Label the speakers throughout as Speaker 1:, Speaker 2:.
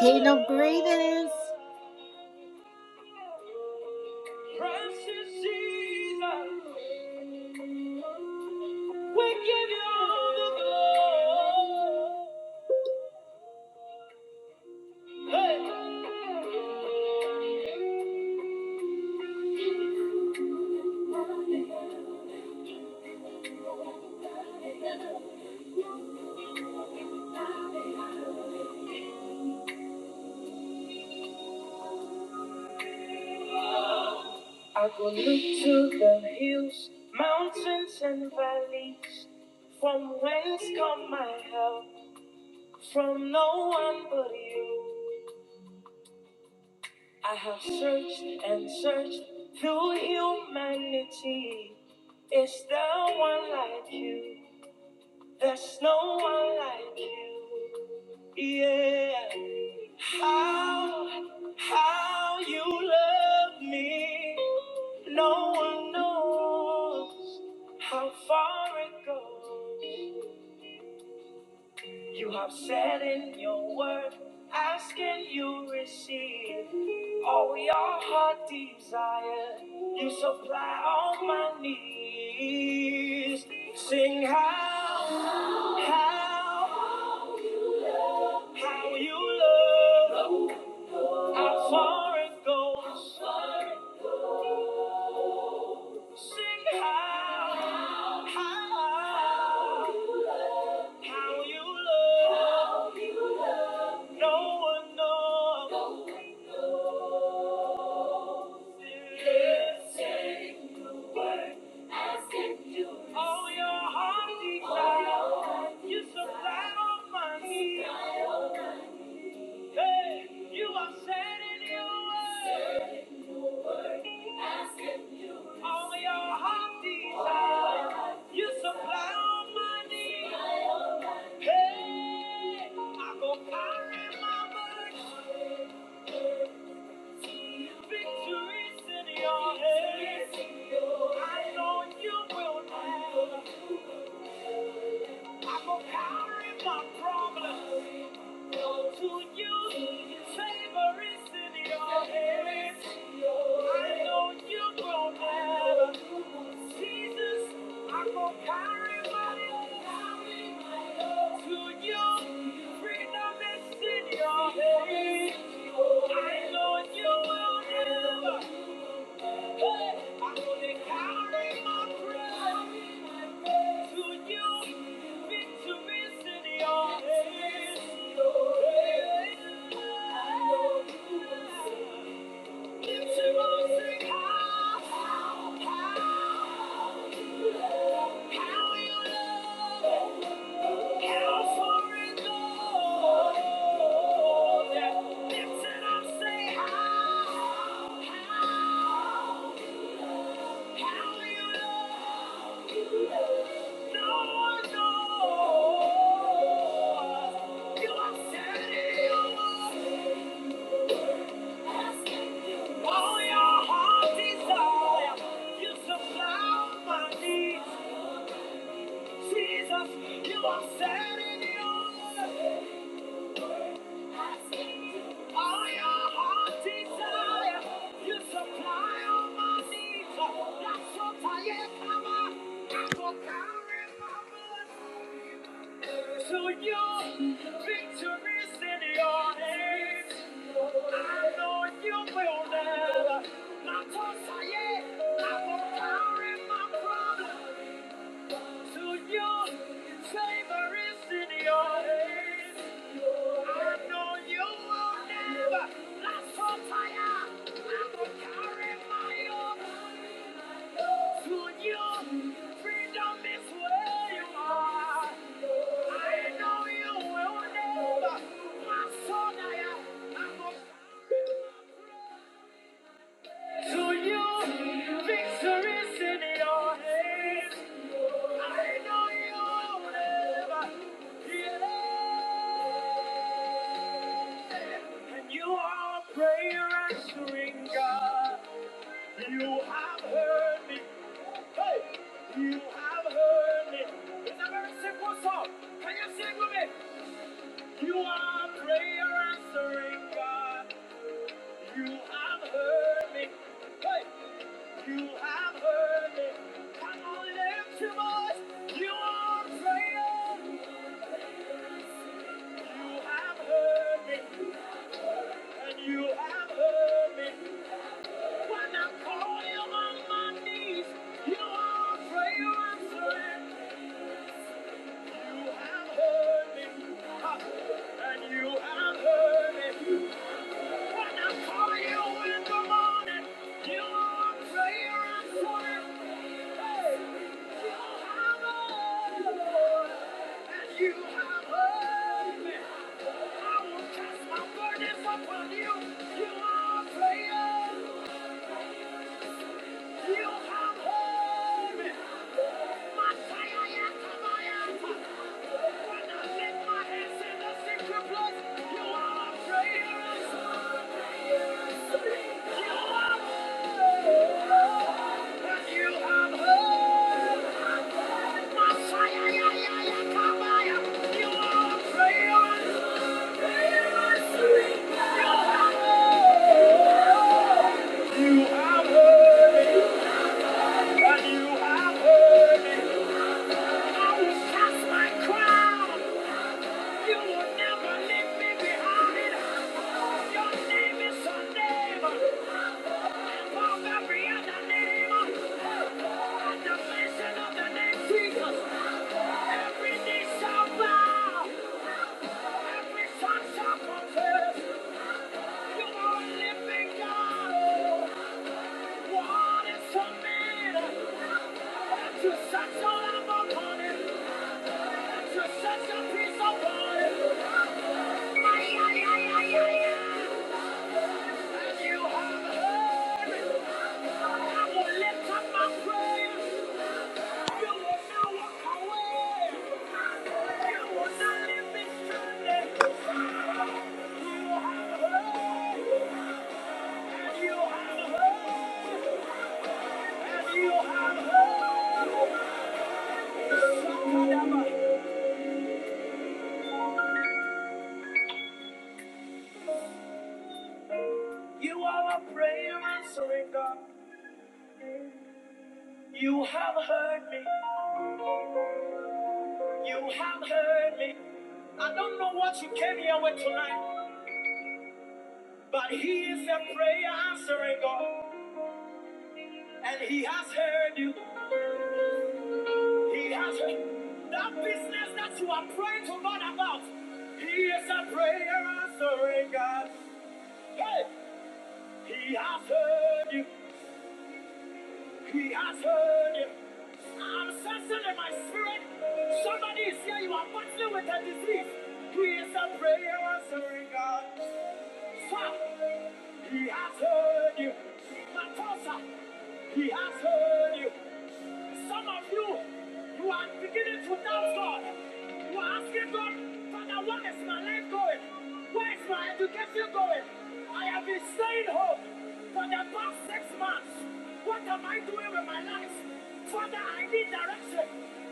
Speaker 1: Kingdom greetings. Precious Jesus, we give you all the glory. Hey. I will look to the hills, mountains, and valleys. From whence come my help? From no one but you, I have searched and searched through humanity. Is there one like you? There's no one like you. Yeah. How, how you love me. No one knows how far it goes. You have said in your word, ask and you receive all your heart desire. You supply all my needs. Sing how, how, how you love, how far it goes. Sing how, how, how you love, no one knows. All your heart desire, you supply all my needs. Hey, you are said in your word. All your heart desire, you supply all my needs. Hey, I go carry my burden. Victory's in your hands. I know you will. never. I'm a my problem. To you, favor is in your hands. I know you don't have a I'm a power in To you, freedom is in your hands. I know you will never. How? Jesus, you are setting the order. All your heart desire, you supply all my needs. That's what I am, come on. I go carry my burden. So your victory is in your hands. I know you will never. That's what I am. I will carry my problem. To you, his favor is in your hands. I know you will never let go fire. I will carry my To you, freedom is where you are. I know you will never. My son, I am. I will carry to you, victory's in your hands. I know you'll never yeah. And you are a prayer answering God. You have heard me. Hey, you have heard me. It's a very simple song. Can you sing with me? You are a prayer answering God. You have heard me. Hey. You have heard it. Come on, lift your voice. You are praying. You have heard me, and you have heard me. When I call you on my knees, you are praying. You have heard me, and you have heard me. Upon you, you are a prayer. You are worthy. And you have heard I will cast my crown. You will never leave me behind. Your name is a name above every other name. At the mention of the name Jesus, every shall bow. Every tongue You are living God. What is a man? That such a love upon him. You are a prayer answering God. You have heard me. You have heard me. I don't know what you came here with tonight, but He is a prayer answering God, and He has heard you. He has heard that business that you are praying to God about. He is a prayer answering God. Hey, He has heard you. He has heard you. I'm sensing in my spirit somebody is here. You are battling with a disease. He is a prayer answering God. He has heard you. Matosa, he has heard you. Some of you, you are beginning to doubt God. You are asking God, Father, where is my life going? Where is my education going? I have been staying home for the past six months. What am I doing with my life? Father, I need direction.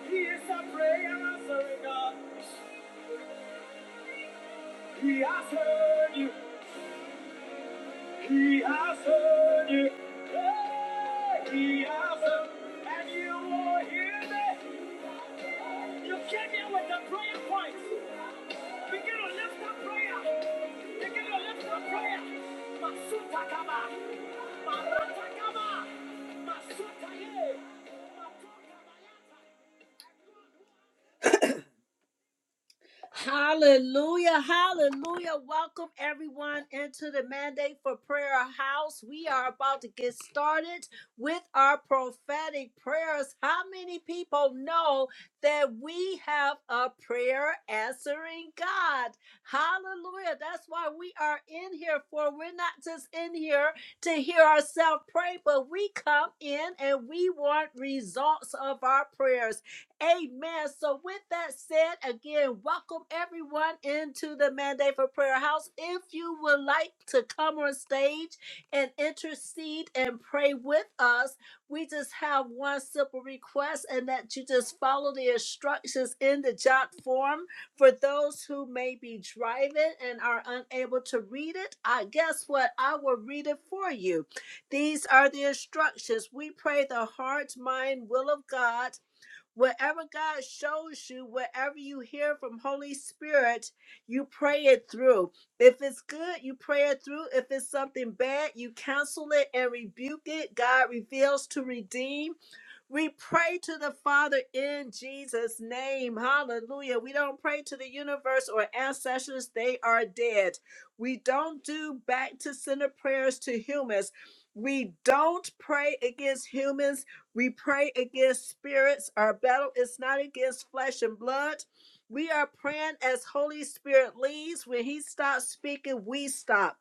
Speaker 1: He is a prayer answering God. He has heard you. He has heard it. Yeah, he has heard. And you will hear me. You came here with the prayer point. Begin to lift up prayer. Begin to lift up prayer. Masuta kama, Marata kama, Masuta ye. Matoka bayata. Hallelujah. Hallelujah. Welcome everyone into the Mandate for Prayer House. We are about to get started with our prophetic prayers. How many people know that we have a prayer answering God? Hallelujah. That's why we are in here for. We're not just in here to hear ourselves pray, but we come in and we want results of our prayers. Amen. So, with that said, again, welcome everyone into the Mandate for Prayer House. If you would like to come on stage and intercede and pray with us, we just have one simple request, and that you just follow the instructions in the jot form for those who may be driving and are unable to read it. I guess what? I will read it for you. These are the instructions. We pray the heart, mind, will of God Whatever God shows you, whatever you hear from Holy Spirit, you pray it through. If it's good, you pray it through. If it's something bad, you counsel it and rebuke it. God reveals to redeem. We pray to the Father in Jesus' name. Hallelujah. We don't pray to the universe or ancestors, they are dead. We don't do back to center prayers to humans. We don't pray against humans. We pray against spirits. Our battle is not against flesh and blood. We are praying as Holy Spirit leads. When He stops speaking, we stop.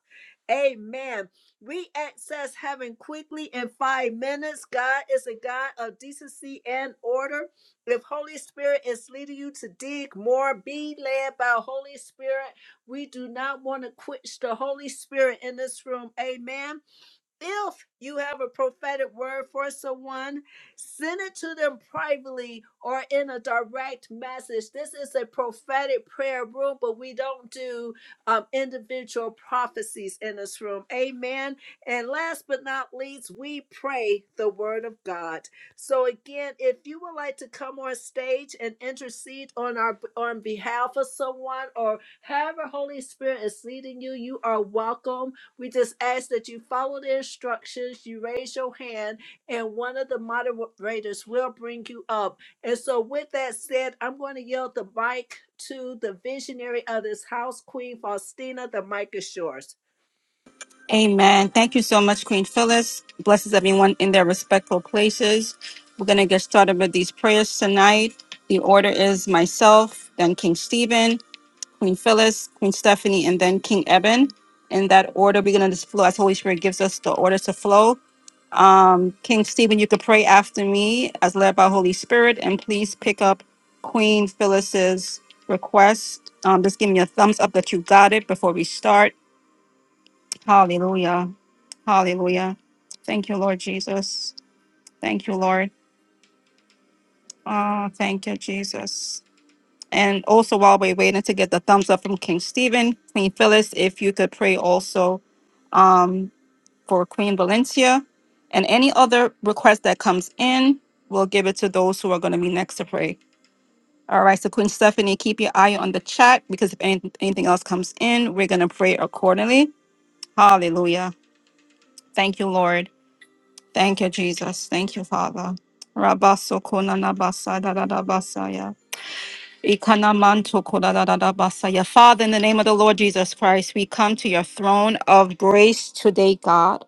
Speaker 1: Amen. We access heaven quickly in five minutes. God is a God of decency and order. If Holy Spirit is leading you to dig more, be led by Holy Spirit. We do not want to quench the Holy Spirit in this room. Amen. If you have a prophetic word for someone, send it to them privately or in a direct message. This is a prophetic prayer room, but we don't do um, individual prophecies in this room. Amen. And last but not least, we pray the word of God. So again, if you would like to come on stage and intercede on our on behalf of someone or however Holy Spirit is leading you, you are welcome we just ask that you follow the instructions, you raise your hand, and one of the moderators will bring you up. And so, with that said, I'm going to yield the mic to the visionary of this house, Queen Faustina. The mic is yours.
Speaker 2: Amen. Thank you so much, Queen Phyllis. Blesses everyone in their respectful places. We're going to get started with these prayers tonight. The order is myself, then King Stephen, Queen Phyllis, Queen Stephanie, and then King Eben. In that order, we're going to just flow as Holy Spirit gives us the order to flow. Um, King Stephen, you could pray after me as led by Holy Spirit, and please pick up Queen Phyllis's request. Um, just give me a thumbs up that you got it before we start Hallelujah. Hallelujah. Thank you, Lord Jesus. Thank you, Lord. Ah, thank you, Jesus. And also, while we're waiting to get the thumbs up from King Stephen, Queen Phyllis, if you could pray also um, for Queen Valencia and any other request that comes in, we'll give it to those who are going to be next to pray. All right, so Queen Stephanie, keep your eye on the chat because if anything, anything else comes in, we're going to pray accordingly. Hallelujah. Thank you, Lord. Thank you, Jesus. Thank you, Father. Rabaso konana basa da da da basaya. Ikana manto koda da da da basaya. Father, in the name of the Lord Jesus Christ, we come to your throne of grace today, God.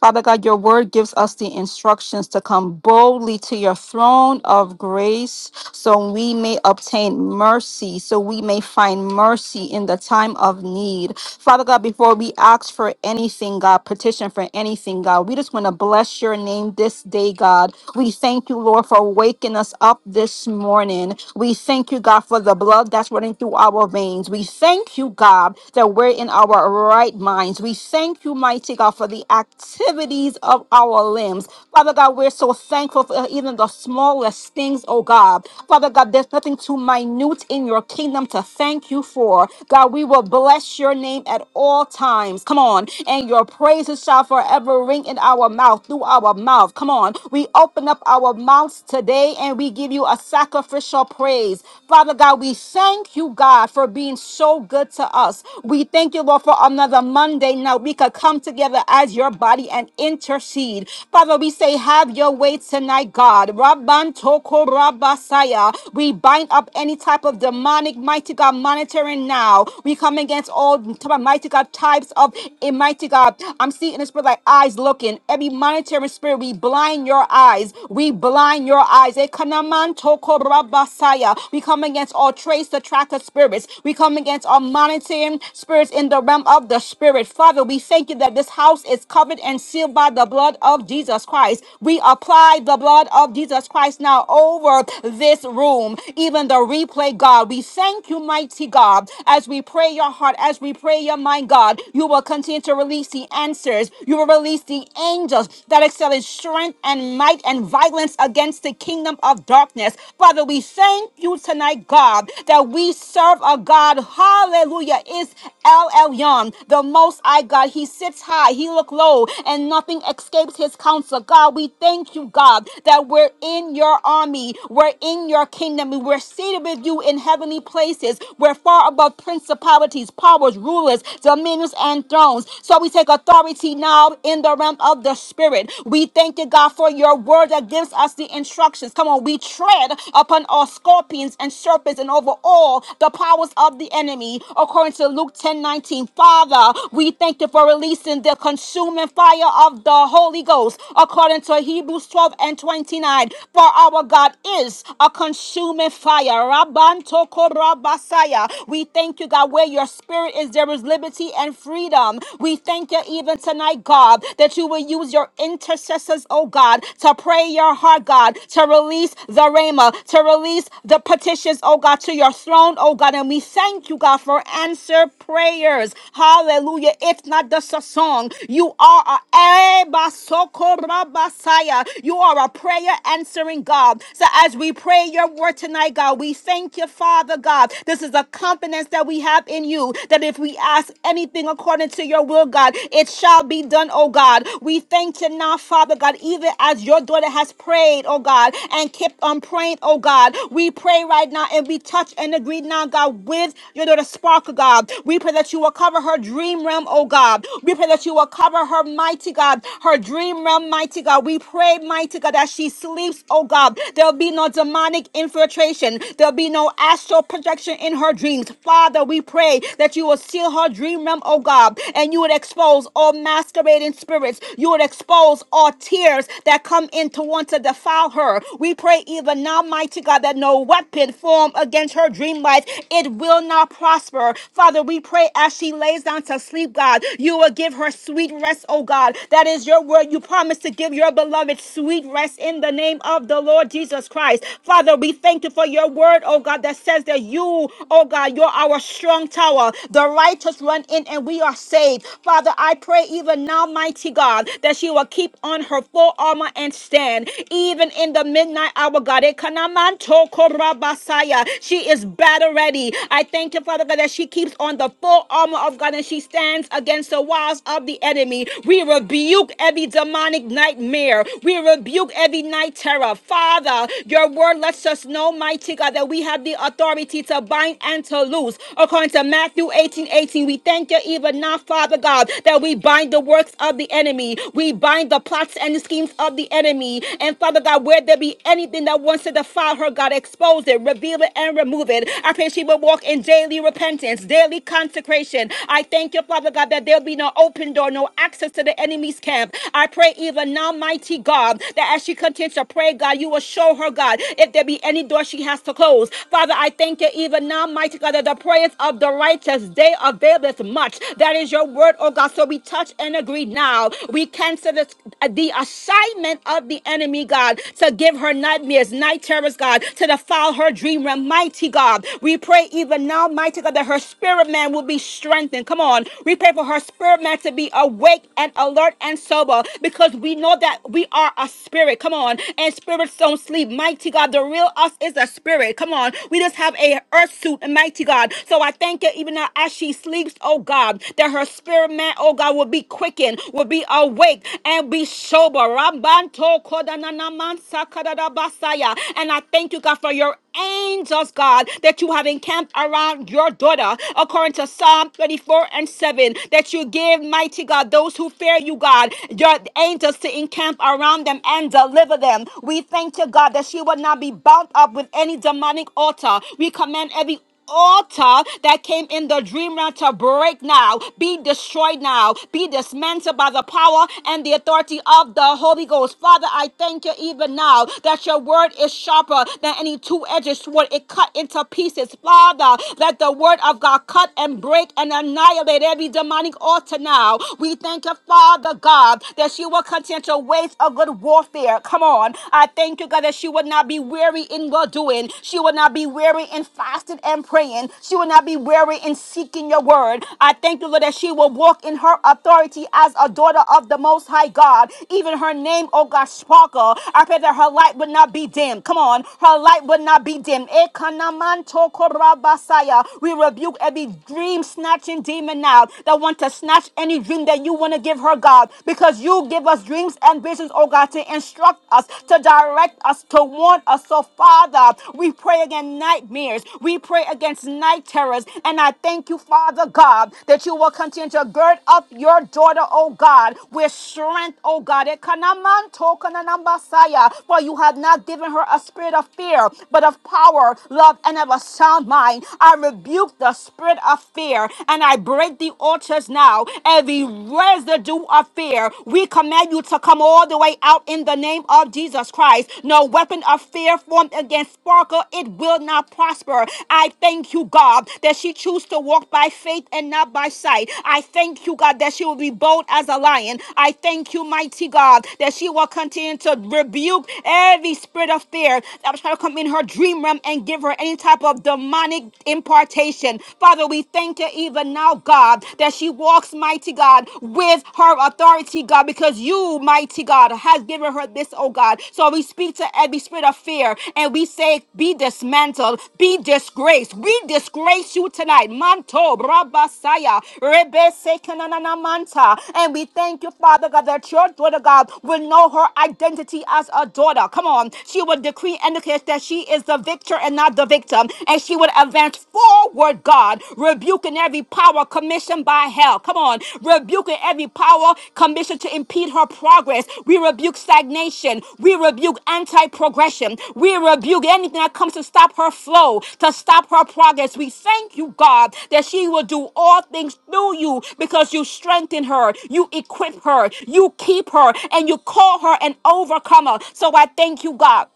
Speaker 2: Father God, your word gives us the instructions to come boldly to your throne of grace so we may obtain mercy, so we may find mercy in the time of need. Father God, before we ask for anything, God, petition for anything, God, we just want to bless your name this day, God. We thank you, Lord, for waking us up this morning. We thank you, God, for the blood that's running through our veins. We thank you, God, that we're in our right minds. We thank you, mighty God, for the activities of our limbs. Father God, we're so thankful for even the smallest things, oh God. Father God, there's nothing too minute in your kingdom to thank you for. God, we will bless your name at all times. Come on. And your praises shall forever ring in our mouth through our our mouth. Come on. We open up our mouths today and we give you a sacrificial praise. Father God, we thank you, God, for being so good to us. We thank you, Lord, for another Monday now. We could come together as your body and intercede. Father, we say, have your way tonight, God. Rabban toko rabasaya. We bind up any type of demonic, mighty God, monitoring now. We come against all mighty God types of eh, mighty God. I'm seeing this, but like eyes looking. Every monetary spirit, we blind your eyes. We blind your eyes. Ekanaman toko rabasaya. We come against all trace attractor spirits. We come against all monitoring spirits in the realm of the spirit. Father, we thank you that this house is covered and sealed by the blood of Jesus Christ. We apply the blood of Jesus Christ now over this room, even the replay, God. We thank you, mighty God, as we pray your heart, as we pray your mind, God. You will continue to release release the answers. You will release the angels that excel in strength and might and violence against the kingdom of darkness. Father, we thank you tonight, God, that we serve a God. Hallelujah. Is El Elyon, the most high God. He sits high, he look low, and nothing escapes his counsel. God, we thank you, God, that we're in your army, we're in your kingdom, and we're seated with you in heavenly places. We're far above principalities, powers, rulers, dominions, and thrones. So we take authority now in the realm of the spirit. We thank you, God, for your word that gives us the instructions. Come on, we tread upon all scorpions and serpents and over all the powers of the enemy, according to Luke 10 19, Father, we thank you for releasing the consuming fire of the Holy Ghost, according to Hebrews 12 and 29. For our God is a consuming fire. Rabban toko rabasaya. We thank you, God where your spirit is, there is liberty and freedom. We thank you even tonight, God, that you will use your intercessors, oh God, to pray your heart, God, to release the rhema, to release the petitions, oh God, to your throne, oh God. And we thank you, God, for answer prayers. Hallelujah. If not just a song, you are a Eh, basoko rabasaya. you are a prayer answering God. So as we pray your word tonight, God, we thank you, Father God. This this is a confidence that we have in you that if we ask anything according to your will, God, it shall be done, oh God. We thank you now, Father God, even as your daughter has prayed, oh God, and kept on praying, oh God. We pray right now and we touch and agree now, God, with your daughter Sparkle, God. We pray that you will cover her dream realm, oh God. We pray that you will cover her, mighty God, her dream realm, mighty God. We pray, mighty God, that she sleeps, oh God. There'll be no demonic infiltration. There will be no astral projection in her dreams. Father, we pray that you will seal her dream realm, oh God, and you would expose all masquerading spirits. You would expose all tears that come in to want to defile her. We pray even now, mighty God, that no weapon formed against her dream life, it will not prosper. Father, we pray as she lays down to sleep, God, you will give her sweet rest, oh God. That is your word. You promise to give your beloved sweet rest in the name of the Lord Jesus Christ. Father, we thank you for your word, oh God, that says that you, oh God, you're our strong tower. The righteous run in and we are saved. Father, I pray even now, mighty God, that she will keep on her full armor and stand, even in the midnight hour, God. Ekanamanto korabasaya. She is battle ready. I thank you, Father God, that she keeps on the full armor of God and she stands against the wiles of the enemy. We rebuke every demonic nightmare. We rebuke every night terror error. Father, your word lets us know, mighty God, that we have the authority to bind and to loose. According to Matthew 18 18, we thank you even now, Father God, that we bind the works of the enemy. We bind the plots and the schemes of the enemy. And Father God, where there be anything that wants to defile her, God, expose it, reveal it, and remove it. I pray she will walk in daily repentance, daily consecration. I thank you, Father God, that there'll be no open door, no access to the enemy's camp. I pray even now, mighty God. God, that as she continues to pray, God, you will show her, God, if there be any door she has to close. Father, I thank you even now, mighty God, that the prayers of the righteous, they availeth much. That is your word, oh God. So we touch and agree now. We cancel this, the assignment of the enemy, God, to give her nightmares, night terrors, God, to defile her dream realm, mighty God. We pray even now, mighty God, that her spirit man will be strengthened. Come on. We pray for her spirit man to be awake and alert and sober because we know that we are a spirit. Come on. And spirits don't sleep. Mighty God, the real us is a spirit. Come on. We just have a earth suit, mighty God. So I thank you even now as she sleeps, oh God, that her spirit man, oh God, will be quickened, will be awake and be sober. Rambanto kodananamansa kadadabasaya. And I thank you, God, for your angels, God, that you have encamped around your daughter, according to Psalm 24 and 7, that you give, mighty God, those those who fear you, God. Your angels to encamp around them and deliver them. We thank you, God, that she will not be bound up with any demonic altar. We command every altar that came in the dream realm to break now, be destroyed now, be dismantled by the power and the authority of the Holy Ghost. Father, I thank you even now that your word is sharper than any two-edged sword. It cut into pieces. Father, let the word of God cut and break and annihilate every demonic demonic altar now. We thank you, Father God, that you will continue to wage a good warfare. Come on. I thank you, God, that she would not be weary in well doing. She would not be weary in fasting and praying. She will not be weary in seeking your word. I thank you, Lord, that she will walk in her authority as a daughter of the Most High God. Even her name, oh God, sparkle. I pray that her light would not be dim. Come on. Her light would not be dim. Ekanamantokorabasaya. We rebuke every dream snatching demon now that want to snatch any dream that you want to give her, God, because you give us dreams and visions, oh God, to instruct us, to direct us, to warn us. So, Father, we pray against nightmares, we pray against night terrors, and I thank you, Father God, that you will continue to gird up your daughter, oh God, with strength, oh God. Ekanamanto kananambasaya, For you have not given her a spirit of fear, but of power, love, and of a sound mind. I rebuke rebuke the spirit of fear and I break the altars now. Every residue of fear, we command you to come all the way out in the name of Jesus Christ. No weapon of fear formed against Sparkle, it will not prosper. I thank you, God, that she chooses to walk by faith and not by sight. I thank you, God, that she will be bold as a lion. I thank you, mighty God, that she will continue to rebuke every spirit of fear that was trying to come in her dream realm and give her any type of of demonic impartation. Father, we thank you even now, God, that she walks, mighty God, with her authority, God, because you, mighty God, has given her this, oh God. So we speak to every spirit of fear and we say, be dismantled, be disgraced. We disgrace you tonight. Manto, Rabasaya, Rebe Sekanana Manta. And we thank you, Father God, that your daughter, God, will know her identity as a daughter. Come on. She will decree and declare that she is is the victor and not the victim. And she would advance forward, God, rebuking every power commissioned by hell. Come on, rebuking every power commissioned to impede her progress. We rebuke stagnation. We rebuke anti progression. We rebuke anything that comes to stop her flow, to stop her progress. We thank you, God, that she will do all things through you because you strengthen her, you equip her, you keep her, and you call her an overcomer. So I thank you, God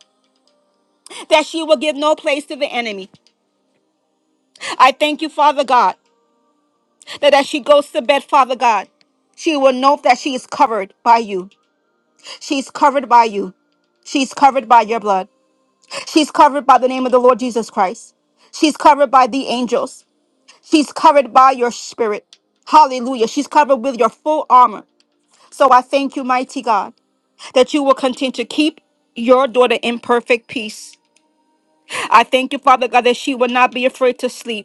Speaker 2: that she will give no place to the enemy. I thank you, Father God, that as she goes to bed, Father God, she will know that she is covered by you. She's covered by you. She's covered by your blood. She's covered by the name of the Lord Jesus Christ. She's covered by the angels. She's covered by your spirit. Hallelujah. She's covered with your full armor. So I thank you, mighty God, that you will continue to keep your daughter in perfect peace. I thank you, Father God, that she will not be afraid to sleep.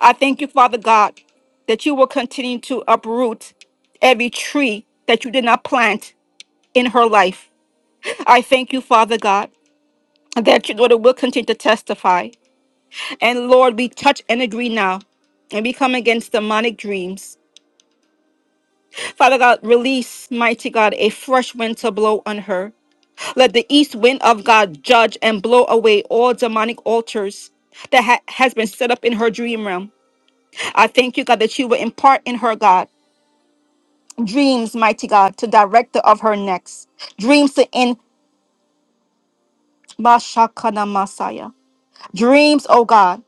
Speaker 2: I thank you, Father God, that you will continue to uproot every tree that you did not plant in her life. I thank you, Father God, that your daughter will continue to testify. And Lord, we touch and agree now. And we come against demonic dreams. Father God, release, mighty God, a fresh wind to blow on her. Let the east wind of God judge and blow away all demonic altars that ha- has been set up in her dream realm. I thank you, God, that you will impart in her, God. dreams, mighty God, to director of her next. Dreams to end Mashakana Messiah. Dreams, oh God,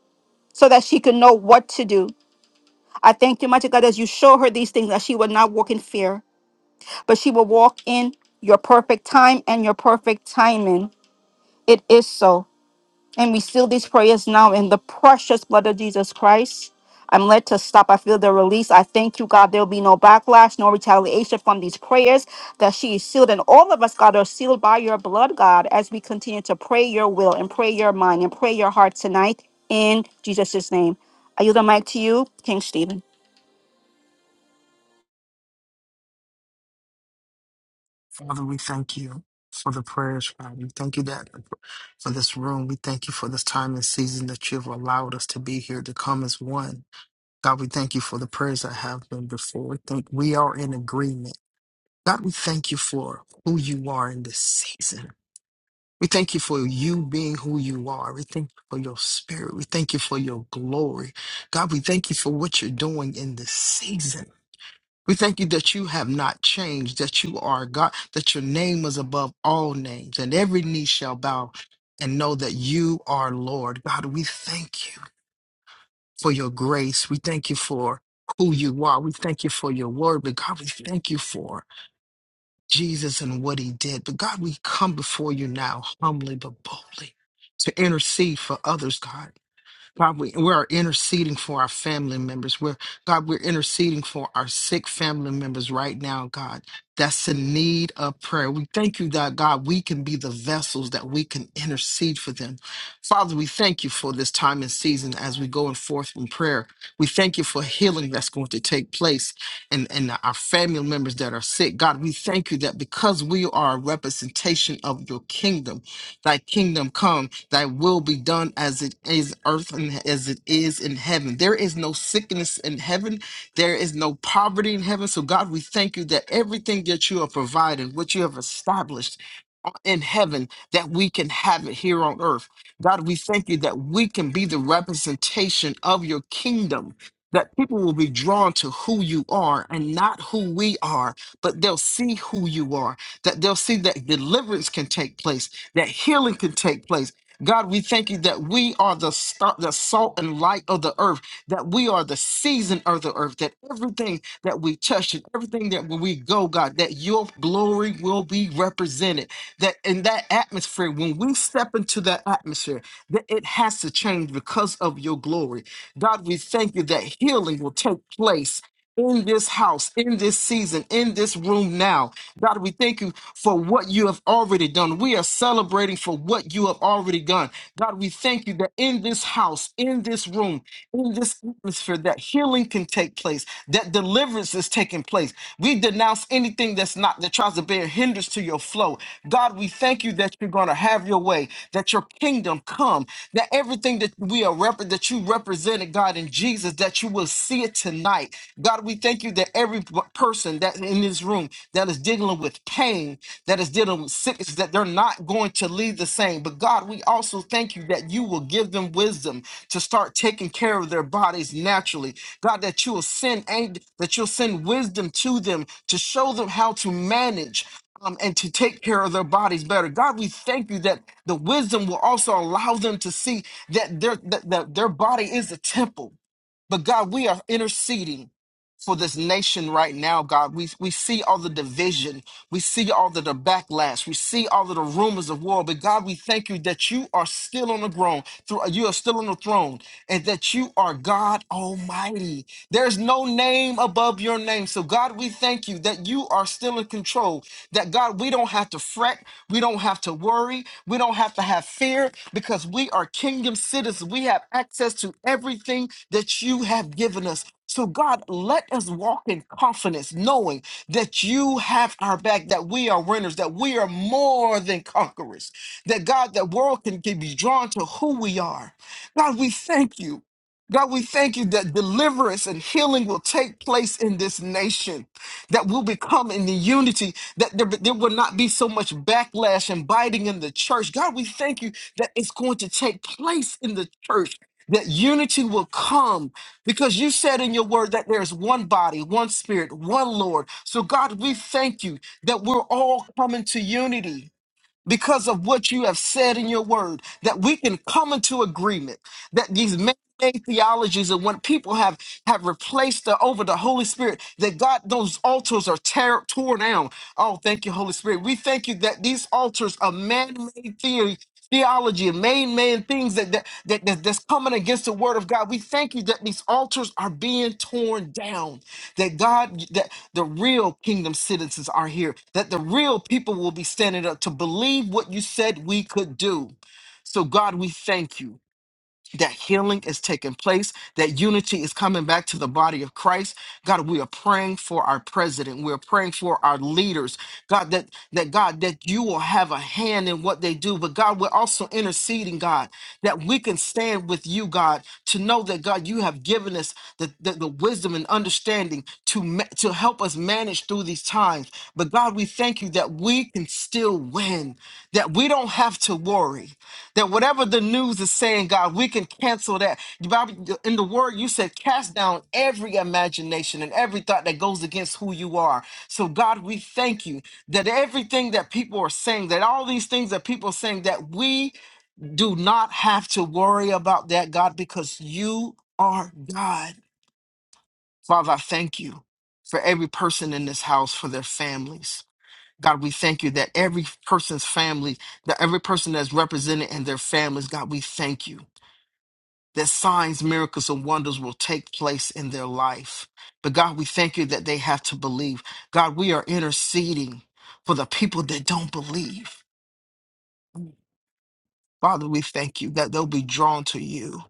Speaker 2: so that she can know what to do. I thank you, mighty God, as you show her these things, that she will not walk in fear, but she will walk in your perfect time and your perfect timing. It is so. And we seal these prayers now in the precious blood of Jesus Christ. I'm led to stop. I feel the release. I thank you, God. There'll be no backlash, no retaliation from these prayers that she is sealed. And all of us, God, are sealed by your blood, God, as we continue to pray your will and pray your mind and pray your heart tonight in Jesus' name. I yield the mic to you, King Stephen.
Speaker 3: Father, we thank you for the prayers, Father. We thank you that for this room. We thank you for this time and season that you've allowed us to be here to come as one. God, we thank you for the prayers that have been before. We think we are in agreement. God, we thank you for who you are in this season. We thank you for you being who you are. We thank you for your spirit. We thank you for your glory. God, we thank you for what you're doing in this season. We thank you that you have not changed, that you are God, that your name is above all names, and every knee shall bow and know that you are Lord. God, we thank you for your grace. We thank you for who you are. We thank you for your word. But God, we thank you for Jesus and what he did. But God, we come before you now humbly but boldly to intercede for others, God. God, we, we are interceding for our family members. We're, God, we're interceding for our sick family members right now, God. That's in need of prayer. We thank you that, God, we can be the vessels that we can intercede for them. Father, we thank you for this time and season as we go and forth in prayer. We thank you for healing that's going to take place and, and our family members that are sick. God, we thank you that because we are a representation of your kingdom, Thy kingdom come, thy will be done as it is earth and as it is in heaven. There is no sickness in heaven, there is no poverty in heaven. So, God, we thank you that everything that you are providing, what you have established in heaven, that we can have it here on earth. God, we thank you that we can be the representation of your kingdom. That people will be drawn to who you are and not who we are, but they'll see who you are, that they'll see that deliverance can take place that healing can take place. God, we thank you that we are the, sta- the salt and light of the earth, that we are the season of the earth, that everything that we touch and everything that when we go, God, that your glory will be represented. That in that atmosphere, when we step into that atmosphere, that it has to change because of your glory. God, we thank you that healing will take place in this house, in this season, in this room now. God, we thank you for what you have already done. We are celebrating for what you have already done. God, we thank you that in this house, in this room, in this atmosphere, that healing can take place, that deliverance is taking place. We denounce anything that's not that tries to bear hindrance to your flow. God, we thank you that you're going to have your way, that your kingdom come, that everything that we are rep- that you represented, God, in Jesus, that you will see it tonight. God, we thank you that every p- person that in this room that is dealing with pain, that is dealing with sickness, that they're not going to lead the same. But God, we also thank you that you will give them wisdom to start taking care of their bodies naturally. God, that you will send and that you'll send wisdom to them to show them how to manage. um, and to take care of their bodies better. God, we thank you that the wisdom will also allow them to see that their that, that their body is a temple but God, we are interceding for this nation right now, God. We, we see all the division. We see all the, the backlash. We see all of the rumors of war. But God, we thank you that you are still on the throne. thro- You are still on the throne and that you are God Almighty. There's no name above your name. So God, we thank you that you are still in control. That God, we don't have to fret. We don't have to worry. We don't have to have fear because we are kingdom citizens. We have access to everything that you have given us. So, God, let us walk in confidence, knowing that you have our back, that we are winners, that we are more than conquerors, that God, that world can, can be drawn to who we are. God, we thank you. God, we thank you that deliverance and healing will take place in this nation, that we'll become in the unity that there, there will not be so much backlash and biting in the church. God, we thank you that it's going to take place in the church, that unity will come because you said in your word that there's one body, one spirit, one Lord. So, God, we thank you that we're all coming to unity because of what you have said in your word, that we can come into agreement that these man-made theologies and when people have have replaced the, over the Holy Spirit, that God those altars are tear, torn down. Oh, thank you, Holy Spirit. We thank you that these altars are man-made theory. Theology and main man things that, that that that- that's coming against the word of God. We thank you that these altars are being torn down. That God, the real kingdom citizens are here, that the real people will be standing up to believe what you said we could do. So, God, we thank you that healing is taking place, that unity is coming back to the body of Christ. God, we are praying for our president. We are praying for our leaders. God, that that God, that you will have a hand in what they do. But God, we're also interceding, God, that we can stand with you, God, to know that God, you have given us the, the, the wisdom and understanding to, ma- to help us manage through these times. But God, we thank you that we can still win, that we don't have to worry, that whatever the news is saying, God, we can cancel that. The Bible- In the word, you said, cast down every imagination and every thought that goes against who you are. So, God, we thank you that everything that people are saying, that all these things that people are saying, that we do not have to worry about that, God, because you are God. Father, I thank you for every person in this house, for their families. God, we thank you that every person's family, that every person that's represented in their families, God, we thank you that signs, miracles, and wonders will take place in their life. But God, we thank you that they have to believe. God, we are interceding for the people that don't believe. Father, we thank you that they'll be drawn to you.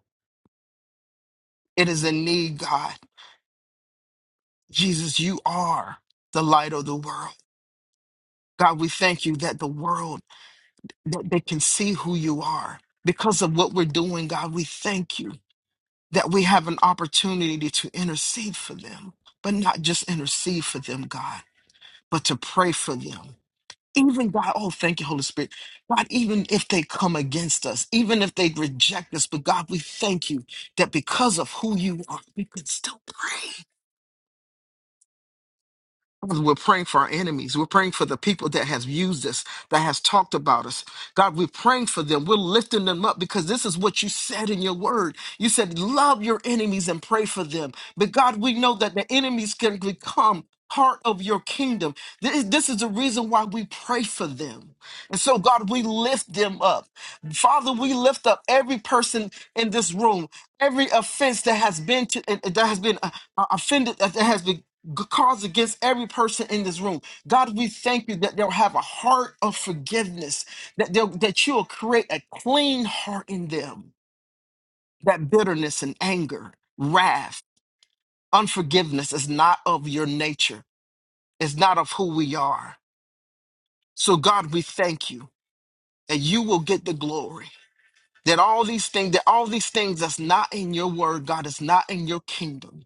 Speaker 3: It is a need, God. Jesus, you are the light of the world. God, we thank you that the world, that they can see who you are. Because of what we're doing, God, we thank you that we have an opportunity to intercede for them, but not just intercede for them, God, but to pray for them even God, oh, thank you, Holy Spirit. God, even if they come against us, even if they reject us, but God, we thank you that because of who you are, we can still praise. We're praying for our enemies. We're praying for the people that has used us, that has talked about us. God, we're praying for them. We're lifting them up because this is what you said in your word. You said, love your enemies and pray for them. But God, we know that the enemies can become part of your kingdom. This, this is the reason why we pray for them. And so, God, we lift them up. Father, we lift up every person in this room, every offense that has been to, that has been uh, uh, offended, uh, that has been g- cause against every person in this room. God, we thank you that they'll have a heart of forgiveness, that they'll, that you'll create a clean heart in them. That bitterness and anger, wrath, unforgiveness is not of your nature. It's not of who we are. So God, we thank you that you will get the glory. That all these things, that all these things that's not in your word, God, is not in your kingdom.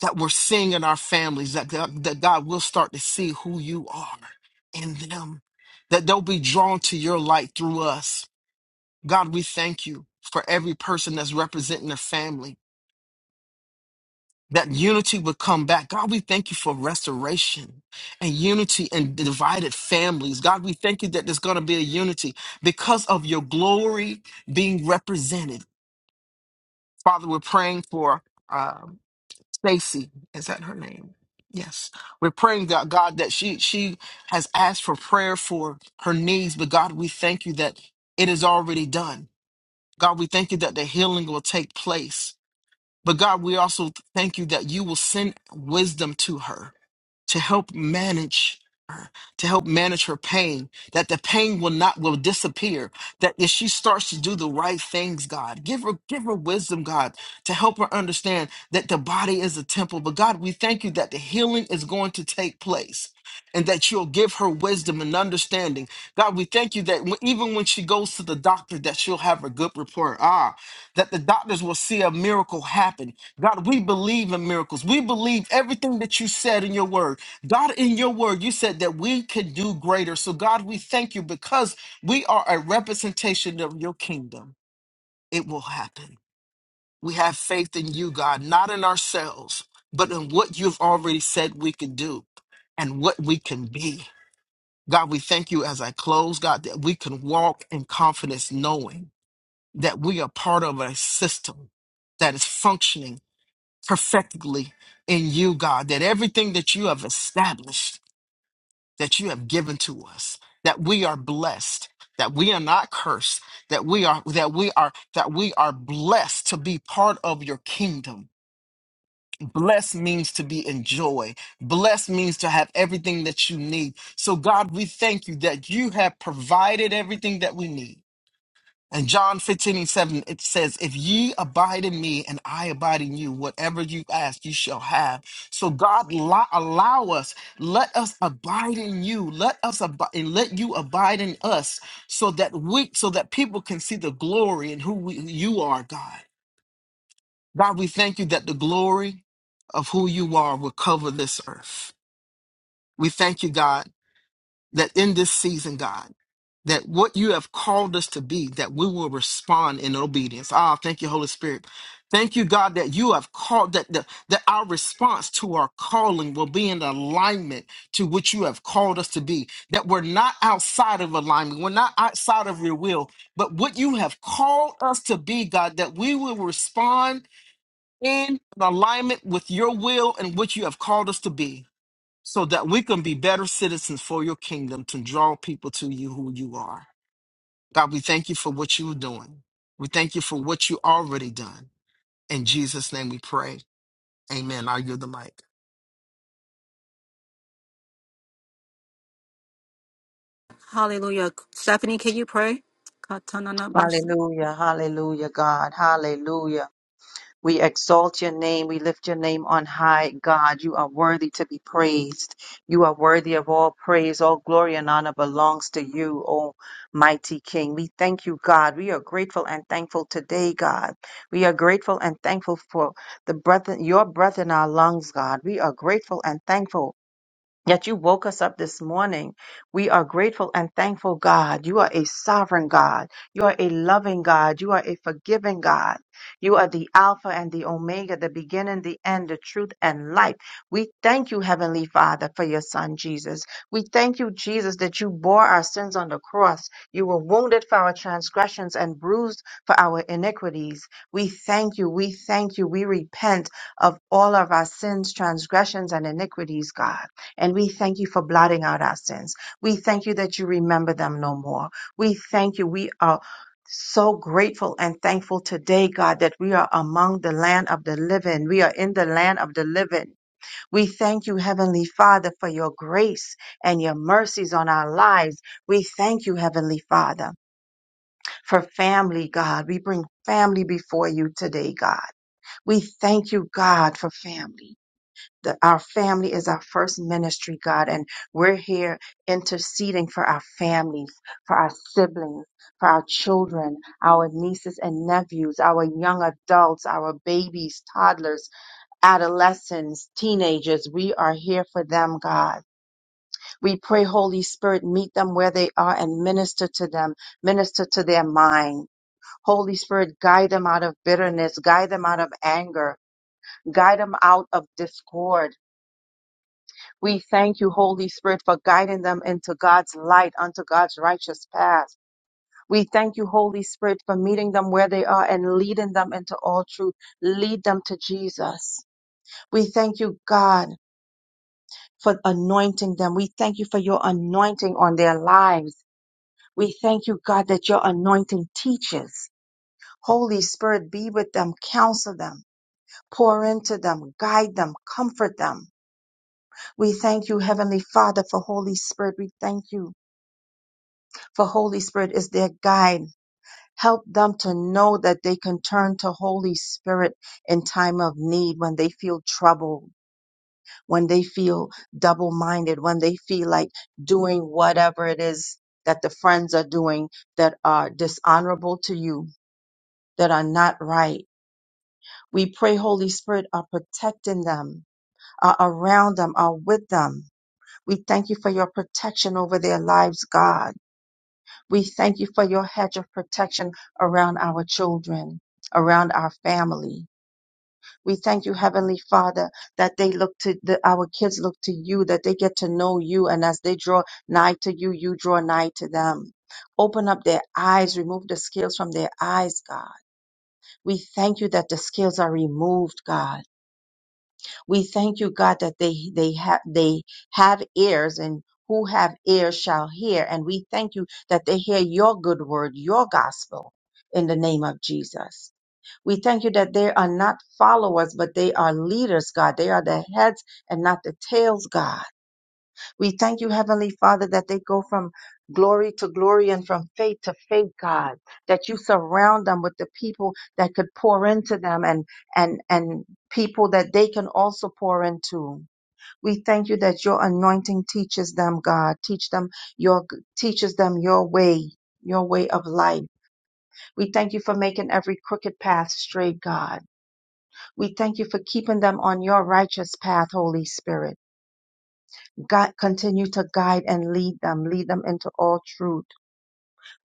Speaker 3: that we're seeing in our families that God, that God will start to see who you are in them, that they'll be drawn to your light through us. God, we thank you for every person that's representing their family. That unity would come back. God, we thank you for restoration and unity and divided families. God, we thank you that there's going to be a unity because of your glory being represented. Father, we're praying for um, Stacy, is that her name? Yes. We're praying that God that she she has asked for prayer for her needs, but God, we thank you that it is already done. God, we thank you that the healing will take place. But God, we also thank you that you will send wisdom to her to help manage her, to help manage her pain, that the pain will not will disappear. That if she starts to do the right things, God, give her give her wisdom, God, to help her understand that the body is a temple. But God, we thank you that the healing is going to take place. And that you'll give her wisdom and understanding. God, we thank you that when, even when she goes to the doctor, that she'll have a good report. Ah, that the doctors will see a miracle happen. God, we believe in miracles. We believe everything that you said in your word God, in your word, you said that we can do greater. So, God, we thank you because we are a representation of your kingdom. It will happen. We have faith in you, God, not in ourselves, but in what you've already said we can do and what we can be. God, we thank you as I close, God, that we can walk in confidence knowing that we are part of a system that is functioning perfectly in you, God, that everything that you have established that you have given to us, that we are blessed, that we are not cursed, that we are that we are that we are blessed to be part of your kingdom. Blessed means to be enjoyed. Blessed means to have everything that you need. So God, we thank you that you have provided everything that we need. And John 15 and 7, it says, If ye abide in me and I abide in you, whatever you ask, you shall have. So God lo- allow us, let us abide in you, let us abide and let you abide in us so that we so that people can see the glory and who we, you are, God. God, we thank you that the glory of who you are will cover this earth. We thank you, God, that in this season, God that what you have called us to be, that we will respond in obedience. Ah, thank you, Holy Spirit. Thank you, God, that you have called that that, that our response to our calling will be in alignment to what you have called us to be. That we're not outside of alignment, we're not outside of your will, but what you have called us to be, God, that we will respond in alignment with your will and what you have called us to be, so that we can be better citizens for your kingdom to draw people to you who you are. God, we thank you for what you're doing. We thank you for what you already done. In Jesus' name we pray. Amen. I yield the mic.
Speaker 2: Hallelujah. Stephanie, can you pray?
Speaker 4: Hallelujah, hallelujah, God, hallelujah. We exalt your name. We lift your name on high, God. You are worthy to be praised. You are worthy of all praise. All glory and honor belongs to you, O mighty King. We thank you, God. We are grateful and thankful today, God. We are grateful and thankful for the breath, your breath in our lungs, God. We are grateful and thankful Yet you woke us up this morning. We are grateful and thankful, God. You are a sovereign God. You are a loving God. You are a forgiving God. You are the Alpha and the Omega, the beginning, the end, the truth, and life. We thank you, Heavenly Father, for your Son, Jesus. We thank you, Jesus, that you bore our sins on the cross. You were wounded for our transgressions and bruised for our iniquities. We thank you. We thank you. We repent of all of our sins, transgressions, and iniquities, God. And we thank you for blotting out our sins. We thank you that you remember them no more. We thank you. We are so grateful and thankful today, God, that we are among the land of the living. We are in the land of the living. We thank you, Heavenly Father, for your grace and your mercies on our lives. We thank you, Heavenly Father, for family, God. We bring family before you today, God. We thank you, God, for family the, our family is our first ministry, God, and we're here interceding for our families, for our siblings, for our children, our nieces and nephews, our young adults, our babies, toddlers, adolescents, teenagers. We are here for them, God. We pray, Holy Spirit, meet them where they are and minister to them, minister to their mind. Holy Spirit, guide them out of bitterness, guide them out of anger, guide them out of discord We thank you, Holy Spirit, for guiding them into God's light, unto God's righteous path. We thank you, Holy Spirit, for meeting them where they are and leading them into all truth. Lead them to Jesus. We thank you, God, for anointing them. We thank you for your anointing on their lives. We thank you, God, that your anointing teaches. Holy Spirit, be with them, counsel them, pour into them, guide them, comfort them. We thank you, Heavenly Father, for Holy Spirit. We thank you. for Holy Spirit is their guide. Help them to know that they can turn to Holy Spirit in time of need when they feel troubled, when they feel double minded, when they feel like doing whatever it is that the friends are doing that are dishonorable to you, that are not right. We pray, Holy Spirit, are protecting them, are around them, are with them. We thank you for your protection over their lives, God. We thank you for your hedge of protection around our children, around our family. We thank you, Heavenly Father, that they look to that our kids look to you, that they get to know you, and as they draw nigh to you, you draw nigh to them. Open up their eyes, remove the scales from their eyes, God. We thank you that the scales are removed, God we thank you, God, that they they have they have ears and who have ears shall hear. And we thank you that they hear your good word, your gospel in the name of Jesus. We thank you that they are not followers, but they are leaders, God. They are the heads and not the tails, God we thank you, Heavenly Father, that they go from glory to glory and from faith to faith, God, that you surround them with the people that could pour into them and, and, and people that they can also pour into. We thank you that your anointing teaches them, God, teach them your, teaches them your way. Your way of life. We thank you for making every crooked path straight, God. We thank you for keeping them on your righteous path, Holy Spirit. God, continue to guide and lead them, lead them into all truth.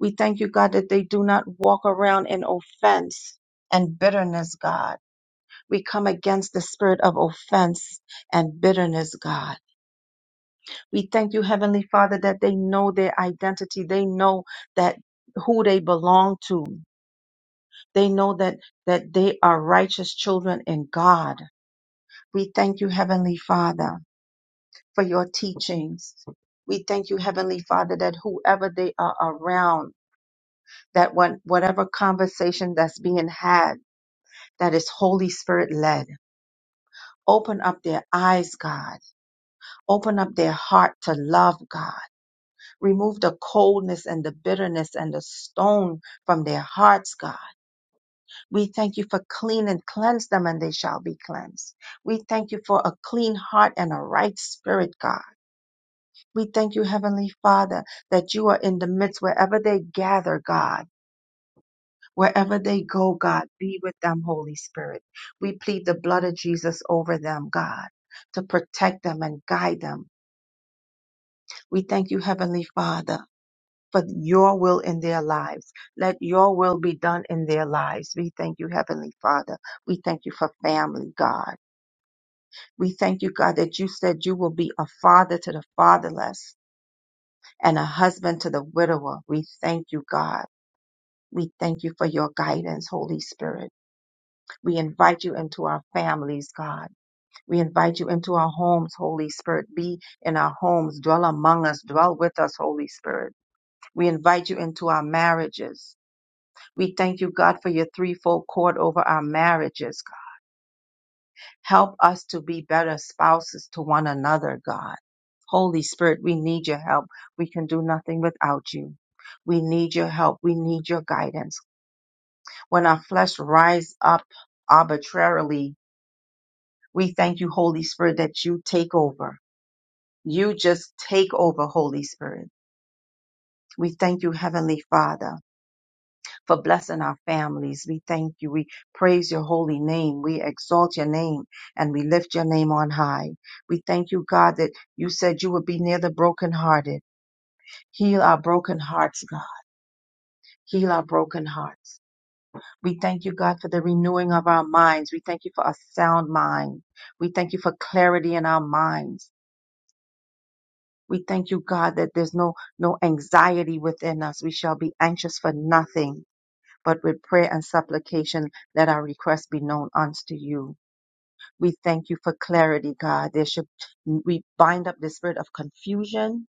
Speaker 4: We thank you, God, that they do not walk around in offense and bitterness, God. We come against the spirit of offense and bitterness, God. We thank you, Heavenly Father, that they know their identity. They know that who they belong to. They know that, that they are righteous children in God. We thank you, Heavenly Father. for your teachings. We thank you, Heavenly Father, that whoever they are around, that when, whatever conversation that's being had, that is Holy Spirit led. Open up their eyes, God. Open up their heart to love God. Remove the coldness and the bitterness and the stone from their hearts, God. We thank you for clean and cleanse them and they shall be cleansed. We thank you for a clean heart and a right spirit, God. We thank you, Heavenly Father, that you are in the midst wherever they gather, God. Wherever they go, God, be with them, Holy Spirit. We plead the blood of Jesus over them, God, to protect them and guide them. We thank you, Heavenly Father, for your will in their lives. Let your will be done in their lives. We thank you, Heavenly Father. We thank you for family, God. We thank you, God, that you said you will be a father to the fatherless and a husband to the widower. We thank you, God. We thank you for your guidance, Holy Spirit. We invite you into our families, God. We invite you into our homes, Holy Spirit. Be in our homes, dwell among us, dwell with us, Holy Spirit. We invite you into our marriages. We thank you, God, for your threefold cord over our marriages. Help us to be better spouses to one another, God. Holy Spirit, we need your help. We can do nothing without you. We need your help. We need your guidance, when our flesh rise up arbitrarily, we thank you, Holy Spirit, that you take over. You just take over, Holy Spirit. We thank you, Heavenly Father, for blessing our families. We thank you. We praise your holy name. We exalt your name and we lift your name on high. We thank you, God, that you said you would be near the brokenhearted. Heal our broken hearts, God. Heal our broken hearts. We thank you, God, for the renewing of our minds. We thank you for a sound mind. We thank you for clarity in our minds. We thank you, God, that there's no, no anxiety within us. We shall be anxious for nothing, but with prayer and supplication, let our requests be known unto you. We thank you for clarity, God. There should, we bind up the spirit of confusion.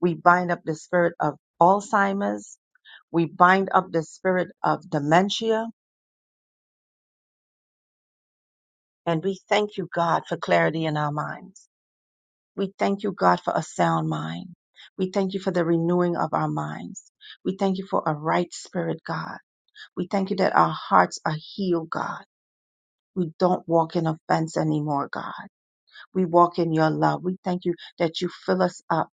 Speaker 4: We bind up the spirit of Alzheimer's. We bind up the spirit of dementia. And we thank you, God, for clarity in our minds. We thank you, God, for a sound mind. We thank you for the renewing of our minds. We thank you for a right spirit, God. We thank you that our hearts are healed, God. We don't walk in offense anymore, God. We walk in your love. We thank you that you fill us up.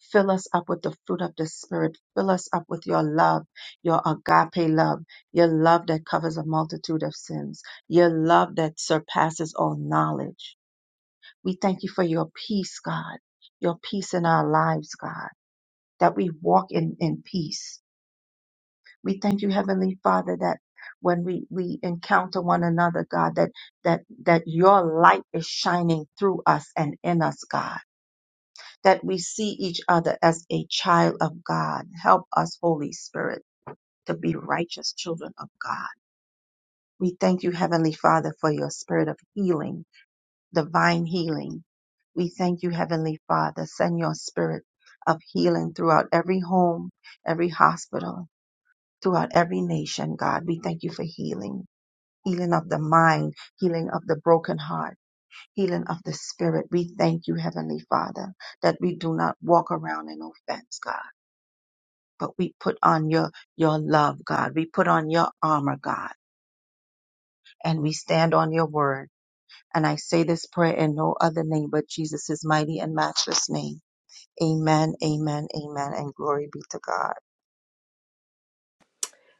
Speaker 4: Fill us up with the fruit of the Spirit. Fill us up with your love, your agape love, your love that covers a multitude of sins, your love that surpasses all knowledge. We thank you for your peace, God, your peace in our lives, God, that we walk in, in peace. We thank you, Heavenly Father, that when we, we encounter one another, God, that, that, that your light is shining through us and in us, God, that we see each other as a child of God. Help us, Holy Spirit, to be righteous children of God. We thank you, Heavenly Father, for your spirit of healing divine healing. We thank you, Heavenly Father. Send your spirit of healing throughout every home, every hospital, throughout every nation, God. We thank you for healing. Healing of the mind, healing of the broken heart, healing of the spirit. We thank you, Heavenly Father, that we do not walk around in offense, God, but we put on your, your love, God. We put on your armor, God, and we stand on your word. And I say this prayer in no other name but Jesus' mighty and matchless name. Amen, amen, amen, and glory be to God.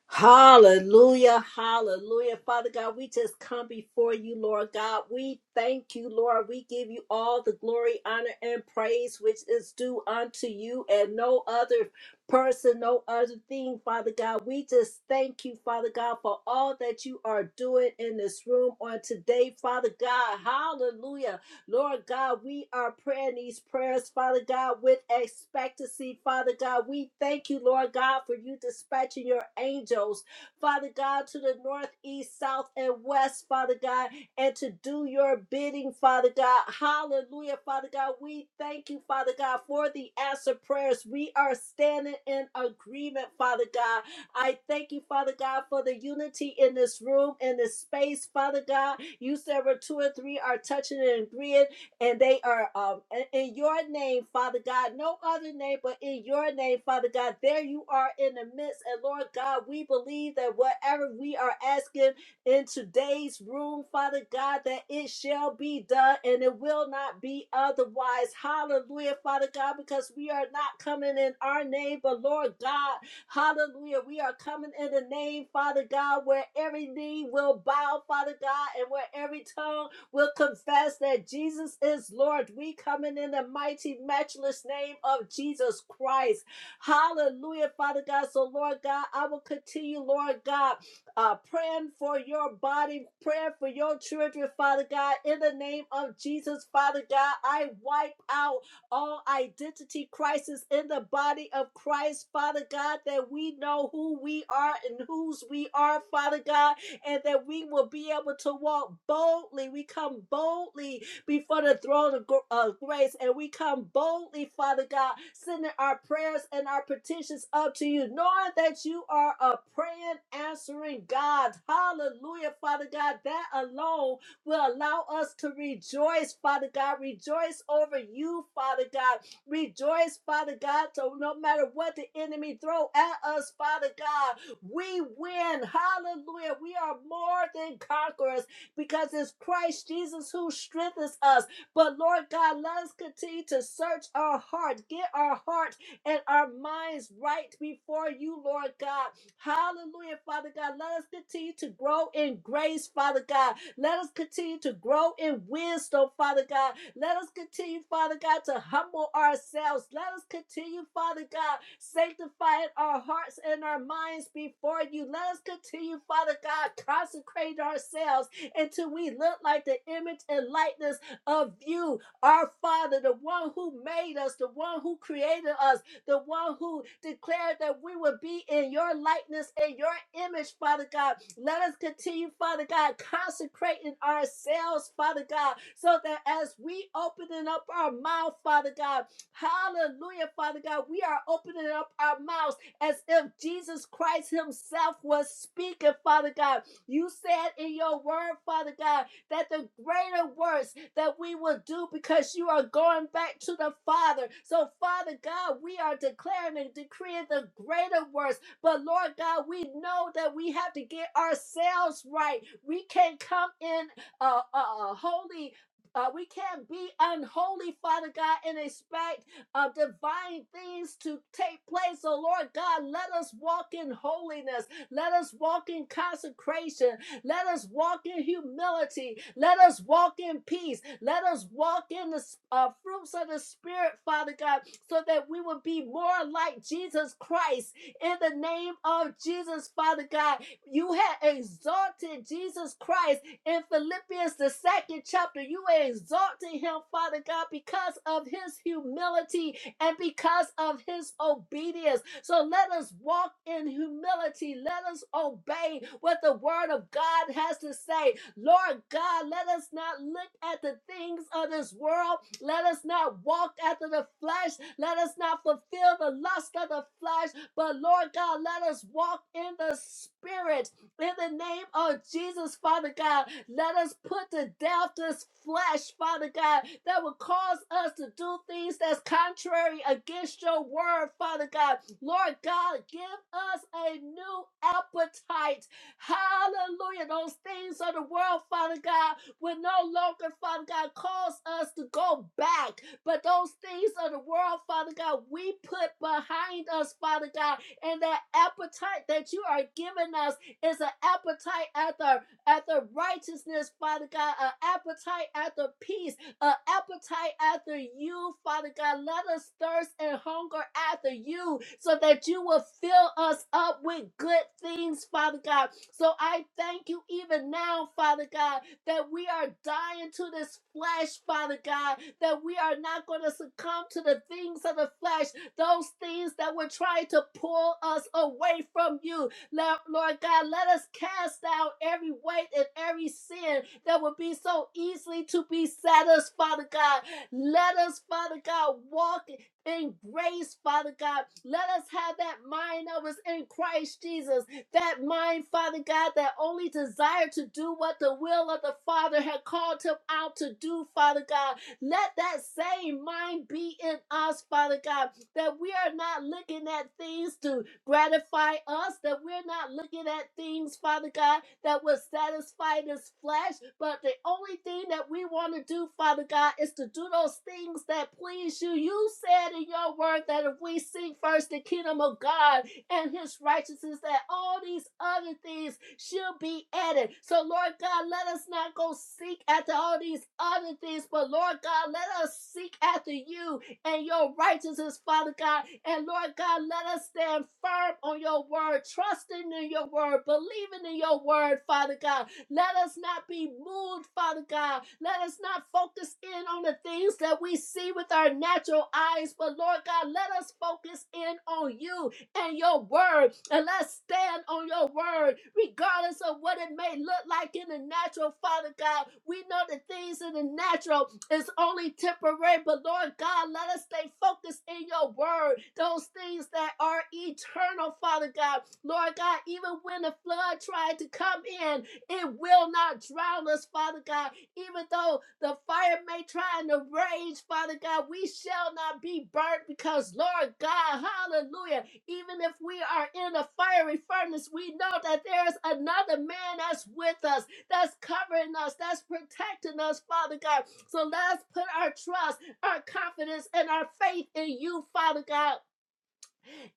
Speaker 1: Hallelujah, hallelujah. Father God, we just come before you, Lord God. We thank you, Lord. We give you all the glory, honor, and praise which is due unto you and no other person, no other thing, Father God. We just thank you, Father God, for all that you are doing in this room on today, Father God. Hallelujah. Lord God, we are praying these prayers, Father God, with expectancy. Father God, we thank you, Lord God, for you dispatching your angels, Father God, to the north, east, south, and west, Father God, and to do your bidding, Father God. Hallelujah, Father God. We thank you, Father God, for the answer prayers. We are standing in agreement, Father God. I thank you, Father God, for the unity in this room, in this space, Father God. You said where two or three are touching and agreeing, and they are um in in your name, Father God. No other name but in your name, Father God. There you are in the midst. And Lord God, we believe that whatever we are asking in today's room, Father God, that it shall be done and it will not be otherwise. Hallelujah, Father God, because we are not coming in our name, but Lord God. Hallelujah. We are coming in the name, Father God, where every knee will bow, Father God, and where every tongue will confess that Jesus is Lord. We coming in the mighty, matchless name of Jesus Christ. Hallelujah, Father God. So, Lord God, I will continue, Lord God, uh, praying for your body, praying for your children, Father God, in the name of Jesus, Father God. I wipe out all identity crisis in the body of Christ, Father God, that we know who we are and whose we are, Father God, and that we will be able to walk boldly. We come boldly before the throne of uh, grace, and we come boldly, Father God, sending our prayers and our petitions up to you, knowing that you are a praying, answering God. Hallelujah, Father God. That alone will allow us to rejoice, Father God. Rejoice over you, Father God. Rejoice, Father God. So no matter what the enemy throw at us, Father God, we win. Hallelujah. We are more than conquerors because it's Christ Jesus who strengthens us. But Lord God, let us continue to search our heart, get our heart and our minds right before you, Lord God. Hallelujah, Father God. Let us continue to grow in grace, Father God. Let us continue to grow in wisdom, Father God. Let us continue, Father God, to humble ourselves. Let us continue, Father God, sanctifying our hearts and our minds before you. Let us continue, Father God, consecrate ourselves until we look like the image and likeness of you, our Father, the one who made us, the one who created us, the one who declared that we would be in your likeness and your image, Father God. Let us continue, Father God, consecrating ourselves, Father God, so that as we opening up our mouth, Father God, hallelujah, Father God, we are opening up our mouths as if Jesus Christ Himself was speaking, Father God. You said in your word, Father God, that the greater works that we will do because you are going back to the Father. So, Father God, we are declaring and decreeing the greater works. But, Lord God, we know that we have to get ourselves right. We can't come in a uh, uh, holy. Uh, we can't be unholy, Father God, and expect of divine things to take place. So, Lord God, let us walk in holiness. Let us walk in consecration. Let us walk in humility. Let us walk in peace. Let us walk in the uh, fruits of the Spirit, Father God, so that we will be more like Jesus Christ. In the name of Jesus, Father God, you have exalted Jesus Christ in Philippians, the second chapter. You exalted him, Father God, because of his humility and because of his obedience. So let us walk in humility. Let us obey what the word of God has to say. Lord God, let us not look at the things of this world. Let us not walk after the flesh. Let us not fulfill the lust of the flesh. But Lord God, let us walk in the spirit in the name of Jesus, Father God, let us put to death this flesh, Father God, that will cause us to do things that's contrary against your word, Father God. Lord God, give us a new appetite. Hallelujah. Those things of the world, Father God, will no longer, Father God, cause us to go back. But those things of the world, Father God, we put behind us, Father God, and that appetite that you are giving us. Is an appetite after after righteousness, Father God, an appetite after peace, an appetite after you, Father God. Let us thirst and hunger after you so that you will fill us up with good things, Father God. So I thank you even now, Father God, that we are dying to this flesh, Father God, that we are not going to succumb to the things of the flesh, those things that were trying to pull us away from you, Lord God, let us cast out every weight and every sin that would be so easily to be satisfied, Father God. Let us, Father God, walk in grace, Father God. Let us have that mind that was in Christ Jesus. That mind, Father God, that only desired to do what the will of the Father had called him out to do, Father God. Let that same mind be in us, Father God that we are not looking at things to gratify us, that we're not looking at things, Father God, that will satisfy this flesh, but the only thing that we want to do, Father God, is to do those things that please you. You said in your word that if we seek first the kingdom of God and his righteousness, that all these other things shall be added. So, Lord God, let us not go seek after all these other things, but Lord God, let us seek after you and your righteousness, Father God. And Lord God, let us stand firm on your word, trusting in your word, believing in your word, Father God. Let us not be moved, Father God. Let us not focus in on the things that we see with our natural eyes, but Lord God, let us focus in on you and your word. And let's stand on your word, regardless of what it may look like in the natural, Father God. We know the things in the natural it's only temporary, but Lord God, let us stay focused in your word. Those things that are eternal, Father God. Lord God, even when the flood tried to come in, it will not drown us, Father God. Even though the fire may try and rage, Father God, we shall not be burnt because, Lord God, hallelujah, even if we are in a fiery furnace, we know that there is another man that's with us, that's covering us, that's protecting us, Father God. So let us put our trust, our confidence, and our faith in you, Father God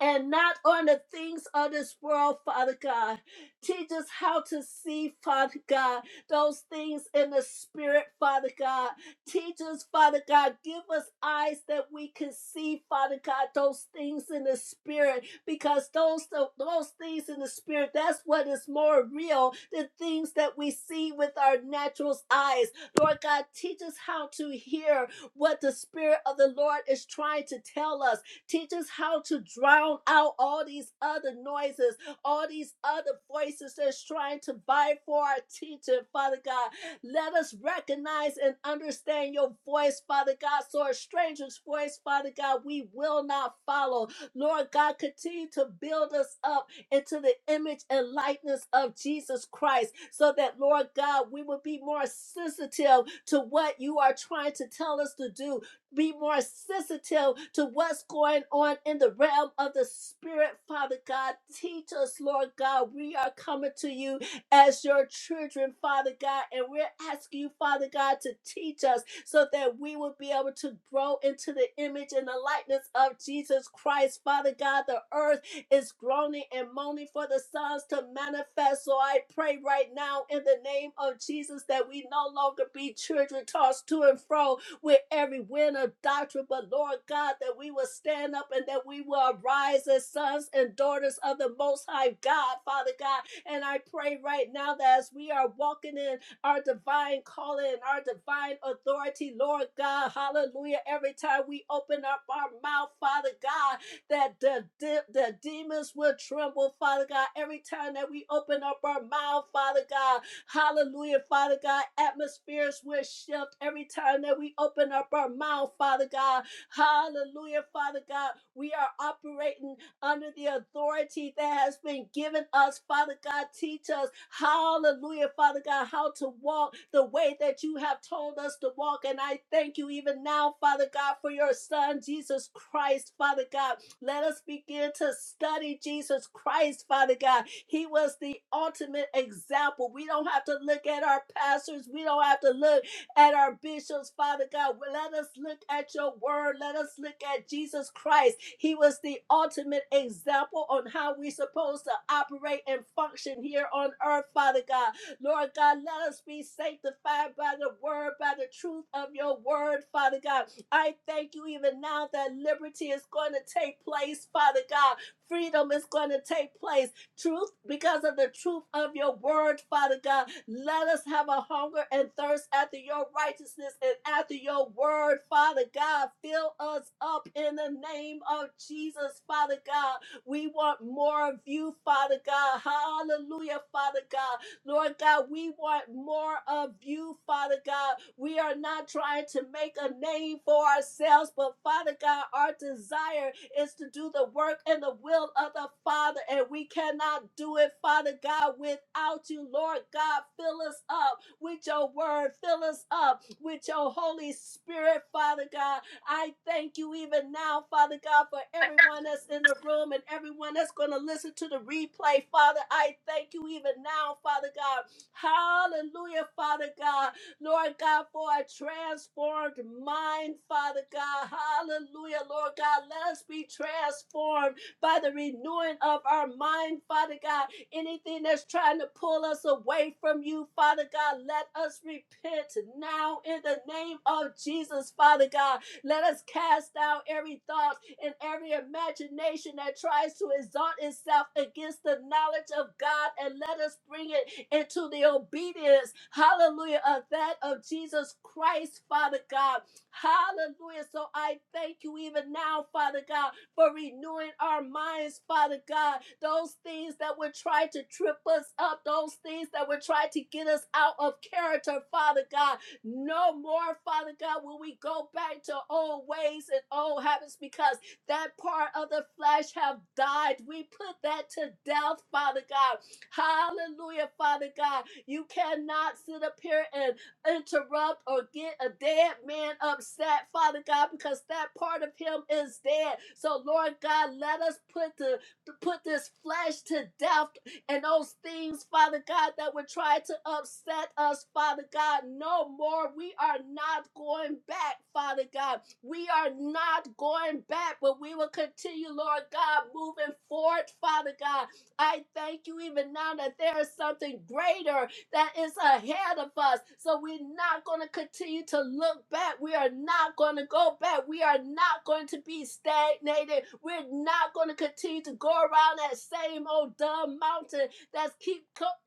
Speaker 1: and not on the things of this world, Father God. Teach us how to see, Father God, those things in the spirit, Father God. Teach us, Father God, give us eyes that we can see, Father God, those things in the spirit, because those those things in the spirit, that's what is more real than things that we see with our natural eyes. Lord God, teach us how to hear what the spirit of the Lord is trying to tell us Teach us how to drown out all these other noises, all these other voices that's trying to vie for our teaching, Father God. Let us recognize and understand your voice, Father God. So a stranger's voice, Father God, we will not follow. Lord God, continue to build us up into the image and likeness of Jesus Christ so that, Lord God, we will be more sensitive to what you are trying to tell us to do be more sensitive to what's going on in the realm of the spirit, Father God. Teach us, Lord God. We are coming to you as your children, Father God, and we're asking you, Father God, to teach us so that we will be able to grow into the image and the likeness of Jesus Christ, Father God. The earth is groaning and moaning for the sons to manifest. So I pray right now in the name of Jesus that we no longer be children tossed to and fro, with every wind of doctrine, but Lord God, that we will stand up and that we will arise as sons and daughters of the Most High God, Father God. And I pray right now that as we are walking in our divine calling and our divine authority, Lord God, hallelujah, every time we open up our mouth, Father God, that the, the, the demons will tremble, Father God, every time that we open up our mouth, Father God. Hallelujah, Father God. Atmospheres will shift every time that we open up our mouth, Father God. Hallelujah, Father God. We are operating under the authority that has been given us, Father God. Teach us, hallelujah, Father God, how to walk the way that you have told us to walk. And I thank you even now, Father God, for your Son, Jesus Christ, Father God. Let us begin to study Jesus Christ, Father God. He was the ultimate example. We don't have to look at our pastors. We don't have to look at our bishops, Father God. well, Let us look at your word. Let us look at Jesus Christ. He was the ultimate example on how we're supposed to operate and function here on earth, Father God. Lord God, let us be sanctified by the word, by the truth of your word, Father God. I thank you even now that liberty is going to take place, Father God. Freedom is going to take place truth because of the truth of your word, Father God. Let us have a hunger and thirst after your righteousness and after your word, Father God. Fill us up in the name of Jesus, Father God. We want more of you, Father God. Hallelujah, Father God. Lord God, we want more of you, Father God. We are not trying to make a name for ourselves, but Father God, our desire is to do the work and the will of the Father, and we cannot do it, Father God, without you, Lord God. Fill us up with your word, fill us up with your Holy Spirit, Father God I thank you even now, Father God, for everyone that's in the room and everyone that's going to listen to the replay, Father. I thank you even now, Father God. Hallelujah, Father God. Lord God, for a transformed mind, Father God. Hallelujah, Lord God. Let us be transformed by the renewing of our mind, Father God. Anything that's trying to pull us away from you, Father God, let us repent now in the name of Jesus, Father God. Let us cast down every thought and every imagination that tries to exalt itself against the knowledge of God and let us bring it into the obedience, hallelujah, of that of Jesus Christ, Father God. Hallelujah. So I thank you even now, Father God, for renewing our minds, Father God. Those things that would try to trip us up, those things that would try to get us out of character, Father God. No more, Father God, will we go back to old ways and old habits because that part of the flesh have died. We put that to death, Father God. Hallelujah, Father God. You cannot sit up here and interrupt or get a dead man upset, Father God, because that part of him is dead. So, Lord God, let us put the put this flesh to death and those things, Father God, that would try to upset us, Father God, no more. We are not going back, Father God. We are not going back, but we will continue, Lord God, moving forward, Father God. I thank you even now that there is something greater that is ahead of us. So we're not going to continue to look back. We are not going to go back. We are not going to be stagnated. We're not going to continue to go around that same old dumb mountain that's keep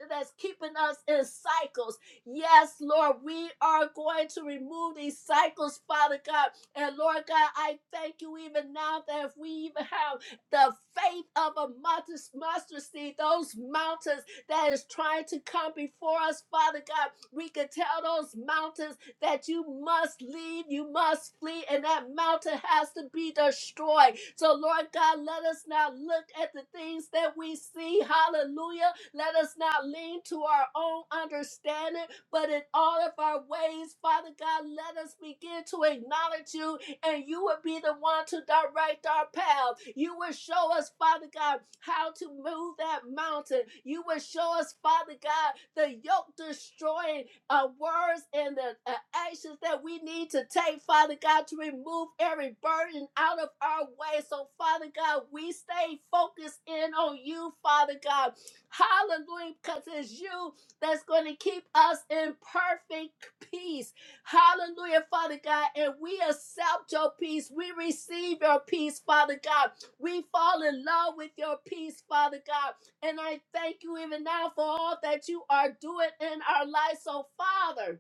Speaker 1: that's keeping us in cycles. Yes, Lord, we are going to remove these cycles, Father God. And Lord God, I thank you even now that if we even have the faith of a mustard, mustard seed, those mountains that is trying to come before us, Father God. We can tell those mountains that you must leave, you must flee, and that mountain has to be destroyed. So, Lord God, let us not look at the things that we see. Hallelujah. Let us not lean to our own understanding, but in all of our ways, Father God, let us begin to acknowledge you and you will be the one to direct our path. You will show us, Father God, how to move that mountain. You will show us, Father God, the yoke destroying uh, words and the uh, actions that we need to take, Father God, to remove every burden out of our way. So, Father God, we stay focused in on you, Father God. Hallelujah, because it's you that's going to keep us in perfect peace. Hallelujah, Father God. And we accept your peace. We receive your peace, Father God. We fall in love with your peace, Father God. And I thank you even now for all that you are doing in our lives, So, Father,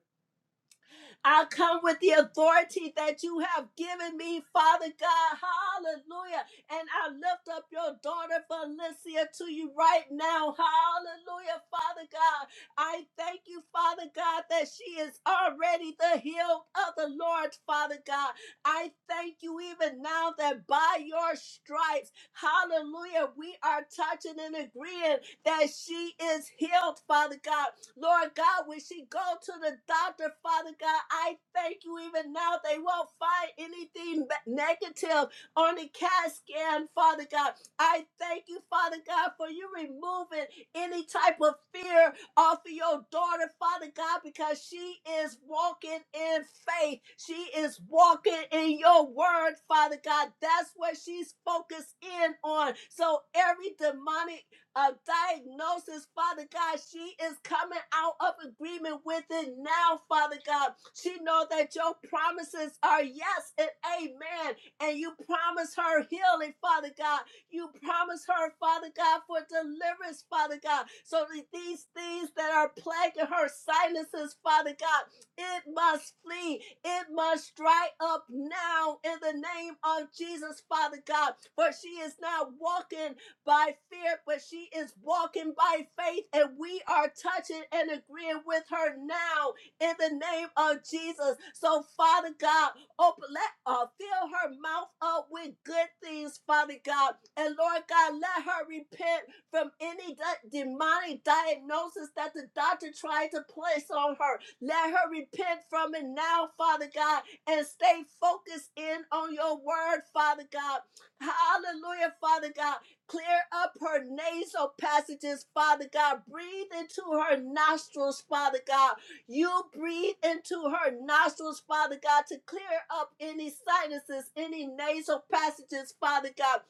Speaker 1: I come with the authority that you have given me, Father God. Hallelujah. And I lift up your daughter, Felicia, to you right now. Hallelujah, Father God. I thank you, Father God, that she is already the healed of the Lord, Father God. I thank you even now that by your stripes, hallelujah, we are touching and agreeing that she is healed, Father God. Lord God, when she go to the doctor, Father God, I thank you even now they won't find anything negative on the CAT scan, Father God. I thank you, Father God, for you removing any type of fear off of your daughter, Father God, because she is walking in faith. She is walking in your word, Father God. That's what she's focused in on. So every demonic a diagnosis, Father God. She is coming out of agreement with it now, Father God. She knows that your promises are yes and amen, and you promise her healing, Father God. You promise her, Father God, for deliverance, Father God. So that these things that are plaguing her sinuses, Father God, it must flee. It must dry up now in the name of Jesus, Father God. For she is not walking by fear, but she is walking by faith, and we are touching and agreeing with her now in the name of Jesus. So, Father God, open, let uh, fill her mouth up with good things, Father God, and Lord God, let her repent from any de- demonic diagnosis that the doctor tried to place on her. Let her repent from it now, Father God, and stay focused in on your word, Father God. Hallelujah, Father God. Clear up her nasal passages, Father God. Breathe into her nostrils, Father God. You breathe into her nostrils, Father God, to clear up any sinuses, any nasal passages, Father God.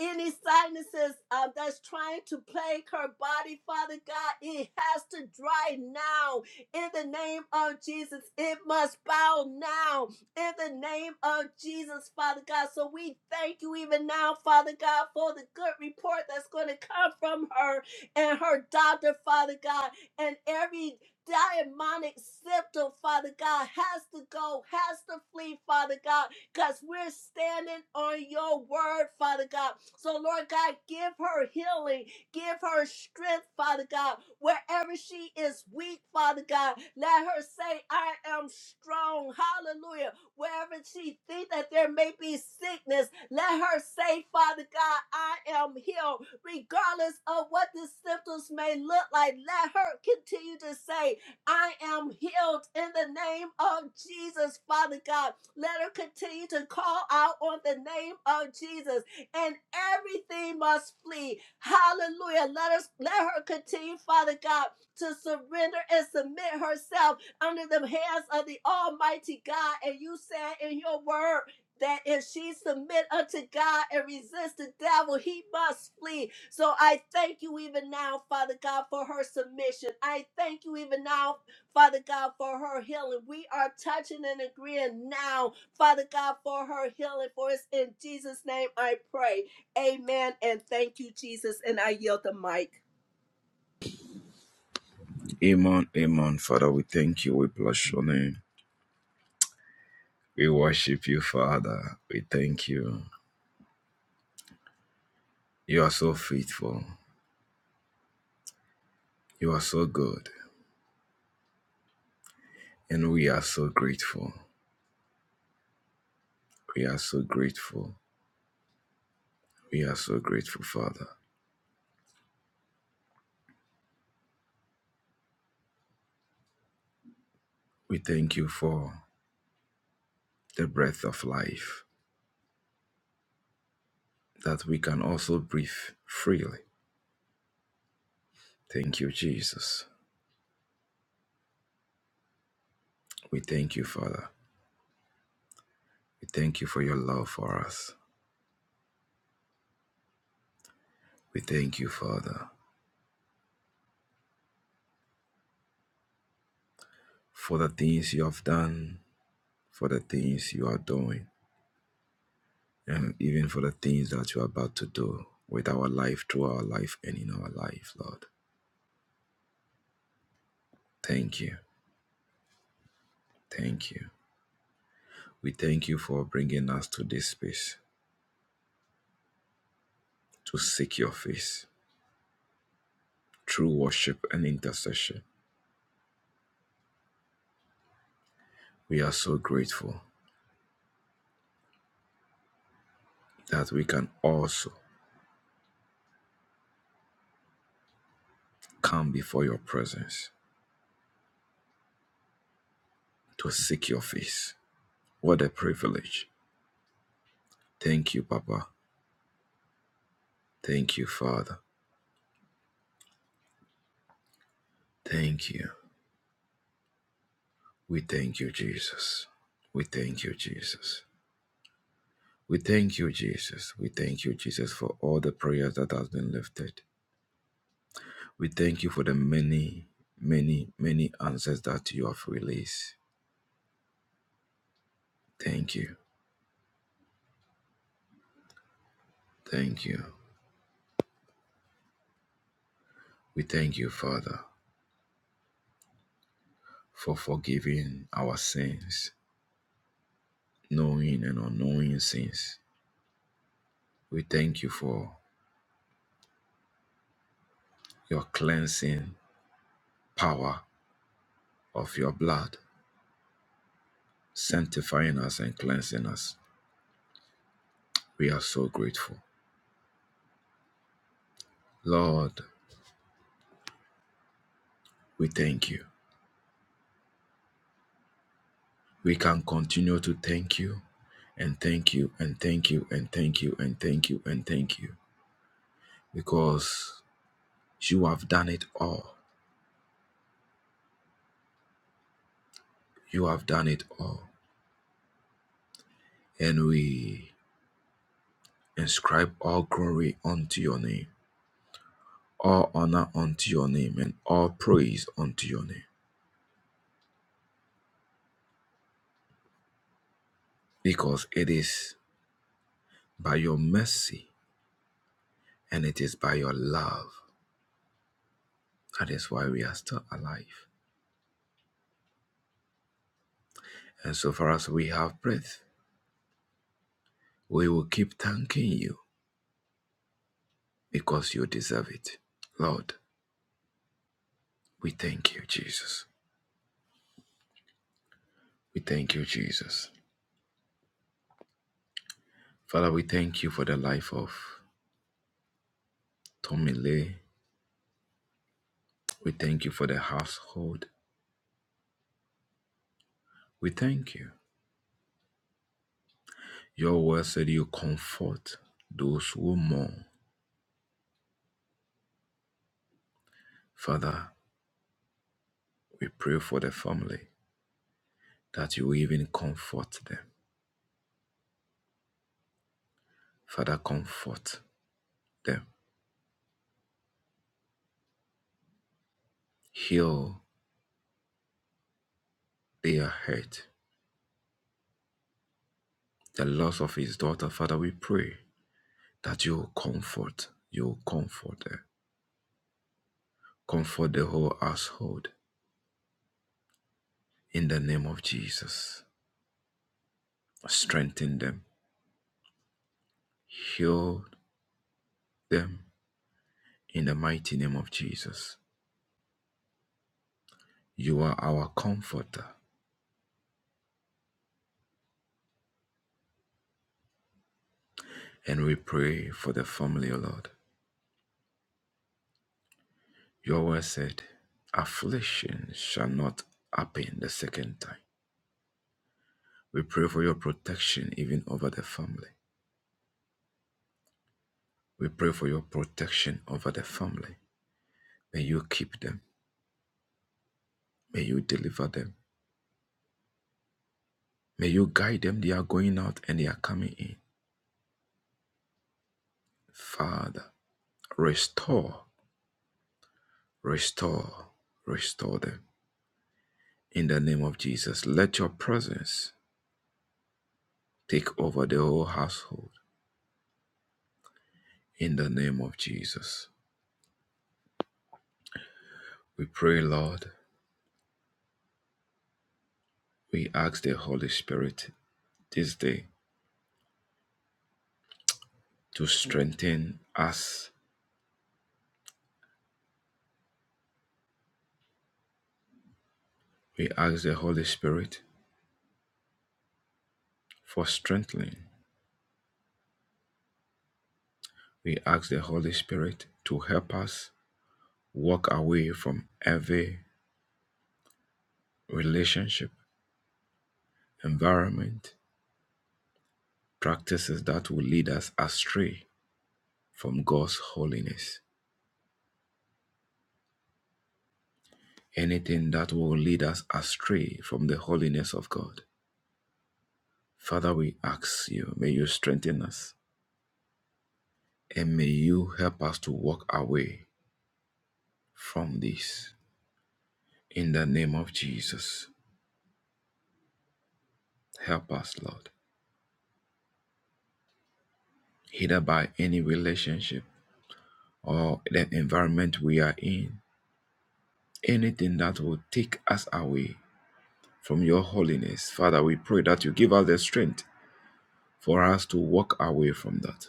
Speaker 1: Any sinuses uh, that's trying to plague her body, Father God, it has to dry now in the name of Jesus. It must bow now in the name of Jesus, Father God. So we thank you even now, Father God, for the good report that's going to come from her and her doctor, Father God, and every demonic symptom, Father God, has to go, has to flee, Father God, because we're standing on your word, Father God. So, Lord God, give her healing, give her strength, Father God, wherever she is weak, Father God. Let her say, I am strong. Hallelujah. Wherever she thinks that there may be sickness, let her say, Father God, I am healed. Regardless of what the symptoms may look like, let her continue to say, I am healed in the name of Jesus, Father God. Let her continue to call out on the name of Jesus, and everything must flee. Hallelujah. Let us let her continue, Father God, to surrender and submit herself under the hands of the Almighty God. And you said in your word that if she submit unto God and resist the devil, he must flee. So I thank you even now, Father God, for her submission. I thank you even now, Father God, for her healing. We are touching and agreeing now, Father God, for her healing. For it's in Jesus' name I pray. Amen. And thank you, Jesus. And I yield the mic.
Speaker 5: Amen, amen. Father, we thank you. We bless your name. We worship you, Father. We thank you. You are so faithful. You are so good. And we are so grateful. We are so grateful. We are so grateful, Father. We thank you for the breath of life that we can also breathe freely. Thank you, Jesus. We thank you, Father. We thank you for your love for us. We thank you, Father, for the things you have done, for the things you are doing. and even for the things that you're about to do with our life, through our life, and in our life, Lord. Thank you. Thank you. We thank you for bringing us to this space to seek your face through worship and intercession. We are so grateful that we can also come before your presence to seek your face. What a privilege. Thank you, Papa. Thank you, Father. Thank you. We thank you, Jesus. We thank you, Jesus. We thank you, Jesus. We thank you, Jesus, for all the prayers that has been lifted. We thank you for the many, many, many answers that you have released. Thank you. Thank you. We thank you, Father, for forgiving our sins, knowing and unknowing sins. We thank you for your cleansing power of your blood, sanctifying us and cleansing us. We are so grateful. Lord, we thank you. we can continue to thank you and thank you and thank you and thank you and thank you and thank you because you have done it all. You have done it all. And we inscribe all glory unto your name, all honor unto your name, and all praise unto your name because it is by your mercy and it is by your love. That is why we are still alive. And so far as we have breath, we will keep thanking you because you deserve it. Lord, we thank you, Jesus. We thank you, Jesus. Father, we thank you for the life of Tommy Lee. We thank you for the household. We thank you. Your word said you comfort those who mourn. Father, we pray for the family that you even comfort them. Father, comfort them. Heal their hurt. The loss of his daughter, Father, we pray that you comfort, you comfort them. Comfort the whole household in the name of Jesus. Strengthen them. Heal them in the mighty name of Jesus. You are our comforter, and we pray for the family, O Lord. Your word said, Affliction shall not happen the second time. We pray for your protection even over the family. We pray for your protection over the family. May you keep them. May you deliver them. May you guide them. They are going out and they are coming in. Father, restore, restore, restore them. In the name of Jesus, let your presence take over the whole household. In the name of Jesus, we pray, Lord, we ask the Holy Spirit this day to strengthen us. We ask the Holy Spirit for strengthening. We ask the Holy Spirit to help us walk away from every relationship, environment, practices that will lead us astray from God's holiness, anything that will lead us astray from the holiness of God. Father, we ask you, may you strengthen us and may you help us to walk away from this. In the name of Jesus, help us, Lord, either by any relationship or the environment we are in, anything that will take us away from your holiness. Father, we pray that you give us the strength for us to walk away from that.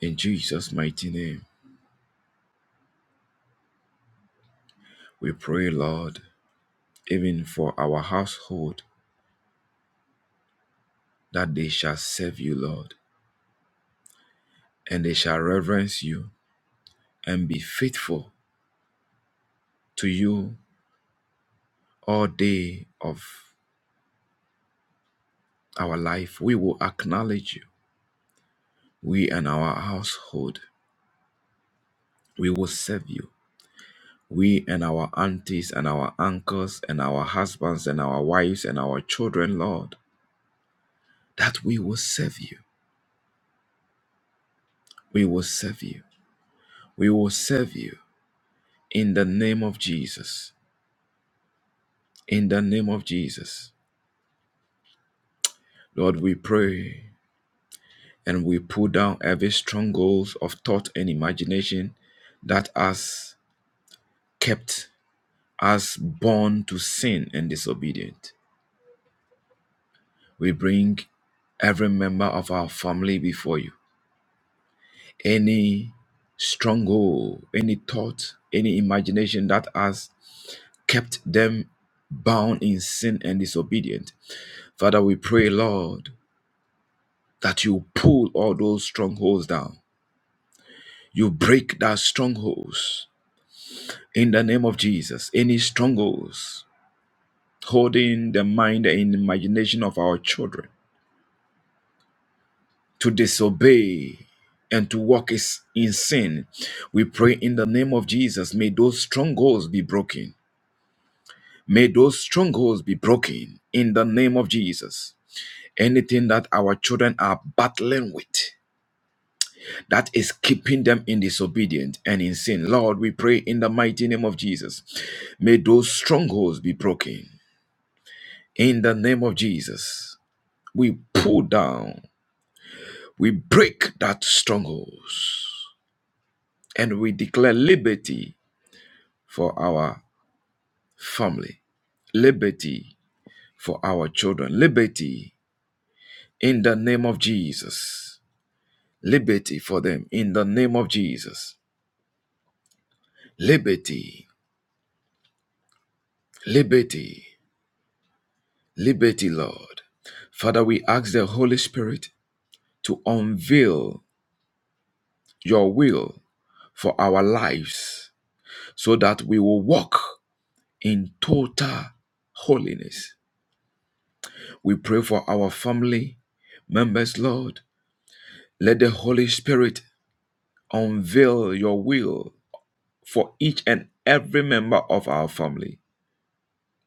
Speaker 5: In Jesus' mighty name, we pray, Lord, even for our household, that they shall serve you, Lord, and they shall reverence you and be faithful to you all day of our life. We will acknowledge you, we and our household. We will serve you. We and our aunties and our uncles and our husbands and our wives and our children, Lord, that we will serve you. We will serve you We will serve you in the name of Jesus. In the name of Jesus. Lord, we pray and we pull down every stronghold of thought and imagination that has kept us born to sin and disobedient. We bring every member of our family before you. Any stronghold, any thought, any imagination that has kept them bound in sin and disobedient. Father, we pray, Lord, that you pull all those strongholds down. You break that strongholds in the name of Jesus. Any strongholds holding the mind and imagination of our children to disobey and to walk is in sin. We pray in the name of Jesus. May those strongholds be broken. May those strongholds be broken in the name of Jesus. Anything that our children are battling with that is keeping them in disobedience and in sin. Lord, we pray in the mighty name of Jesus. May those strongholds be broken. In the name of Jesus, we pull down, we break that strongholds, and we declare liberty for our family, liberty for our children, liberty in the name of Jesus, liberty for them in the name of Jesus, liberty, liberty liberty, Lord. Father, we ask the Holy Spirit to unveil your will for our lives so that we will walk in total holiness. We pray for our family members, Lord. Let the Holy Spirit unveil your will for each and every member of our family,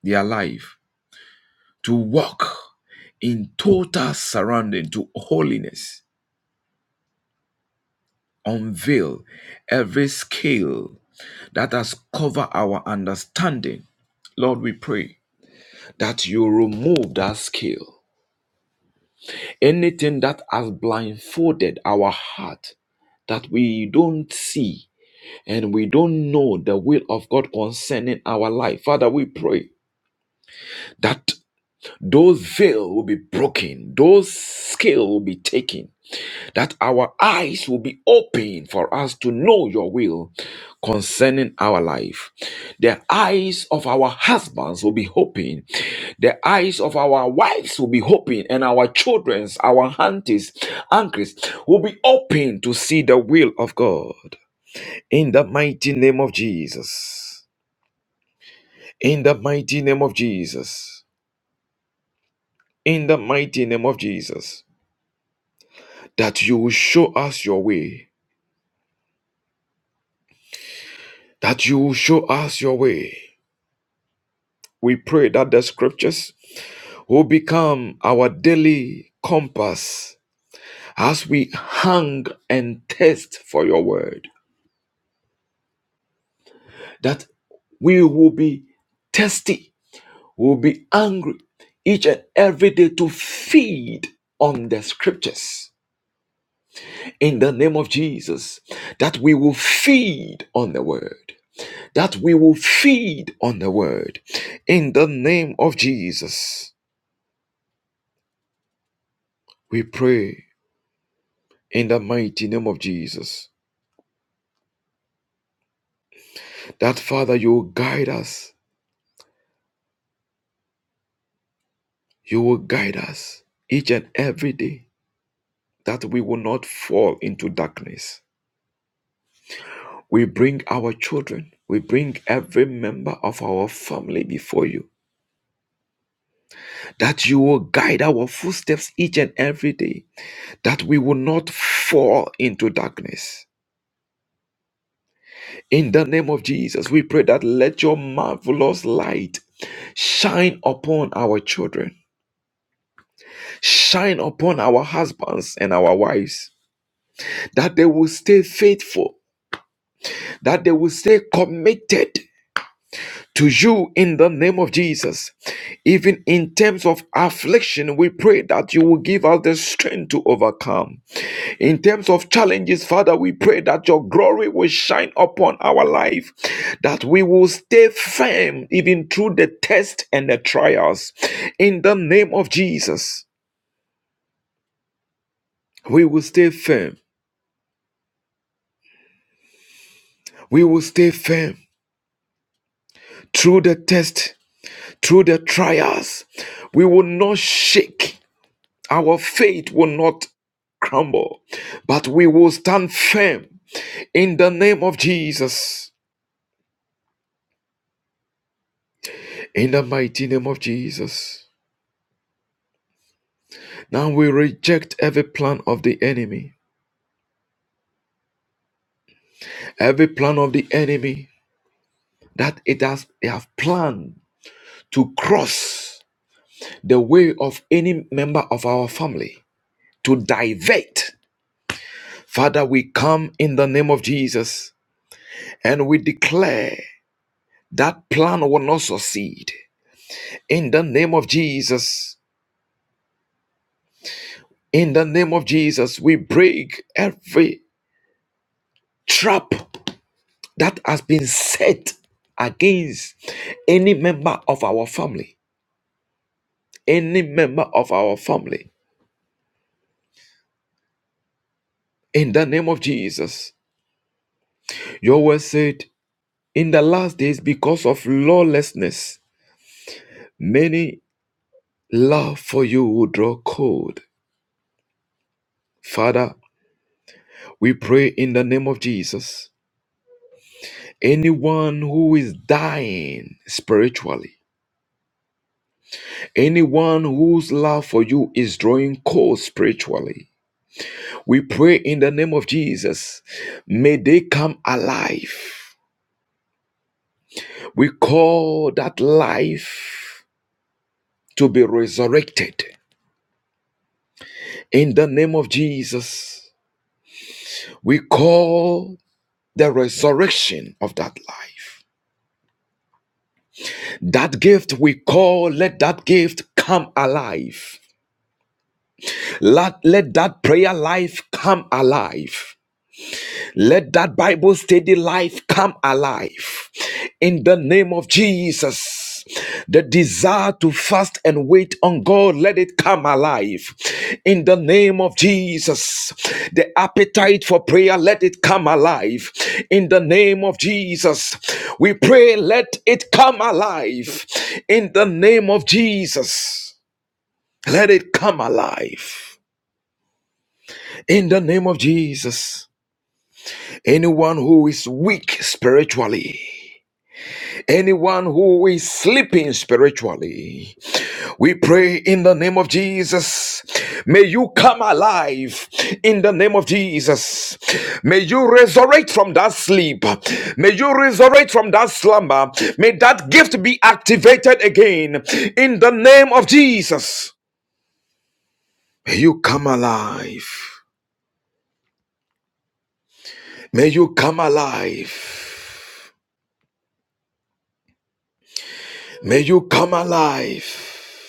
Speaker 5: their life, to walk in total surrounding to holiness unveil every scale that has covered our understanding. Lord, we pray that you remove that scale. Anything that has blindfolded our heart that we don't see and we don't know the will of God concerning our life. Father, we pray that those veil will be broken, those scale will be taken that our eyes will be open for us to know your will concerning our life. The eyes of our husbands will be open. The eyes of our wives will be open, and our children's, our aunties, uncles will be open to see the will of God. In the mighty name of Jesus. In the mighty name of Jesus. In the mighty name of Jesus. That you will show us your way. That you will show us your way We pray that the scriptures will become our daily compass as we hang and test for your word, that we will be thirsty, will be angry each and every day to feed on the scriptures. In the name of Jesus, that we will feed on the word, that we will feed on the word. In the name of Jesus, we pray in the mighty name of Jesus. That Father, you will guide us. You will guide us each and every day that we will not fall into darkness. We bring our children, we bring every member of our family before you, that you will guide our footsteps each and every day, that we will not fall into darkness. In the name of Jesus, we pray that let your marvelous light shine upon our children, shine upon our husbands and our wives, that they will stay faithful, that they will stay committed to you in the name of Jesus. Even in terms of affliction, we pray that you will give us the strength to overcome. In terms of challenges, Father, we pray that your glory will shine upon our life, that we will stay firm even through the test and the trials. In the name of Jesus, we will stay firm. We will stay firm through the test through the trials, we will not shake. Our faith will not crumble, but we will stand firm in the name of Jesus. In the mighty name of Jesus. Now we reject every plan of the enemy, every plan of the enemy that it has they have planned to cross the way of any member of our family, to divert. Father, we come in the name of Jesus and we declare. That plan will not succeed. In the name of Jesus, in the name of Jesus, we break every trap that has been set against any member of our family, any member of our family. In the name of Jesus, your word said, in the last days, because of lawlessness, many love for you will draw cold. Father, we pray in the name of Jesus Anyone who is dying spiritually, anyone whose love for you is drawing cold spiritually, we pray in the name of Jesus, may they come alive. We call that life to be resurrected in the name of Jesus. We call the resurrection of that life. That gift we call, let that gift come alive Let, let that prayer life come alive. Let that Bible study life come alive. In the name of Jesus, the desire to fast and wait on God, let it come alive. In the name of Jesus, the appetite for prayer, let it come alive. In the name of Jesus, we pray, let it come alive. In the name of Jesus, let it come alive. In the name of Jesus, anyone who is weak spiritually, anyone who is sleeping spiritually, we pray in the name of Jesus. May you come alive in the name of Jesus. May you resurrect from that sleep. May you resurrect from that slumber. May that gift be activated again in the name of Jesus. May you come alive. May you come alive. May you come alive.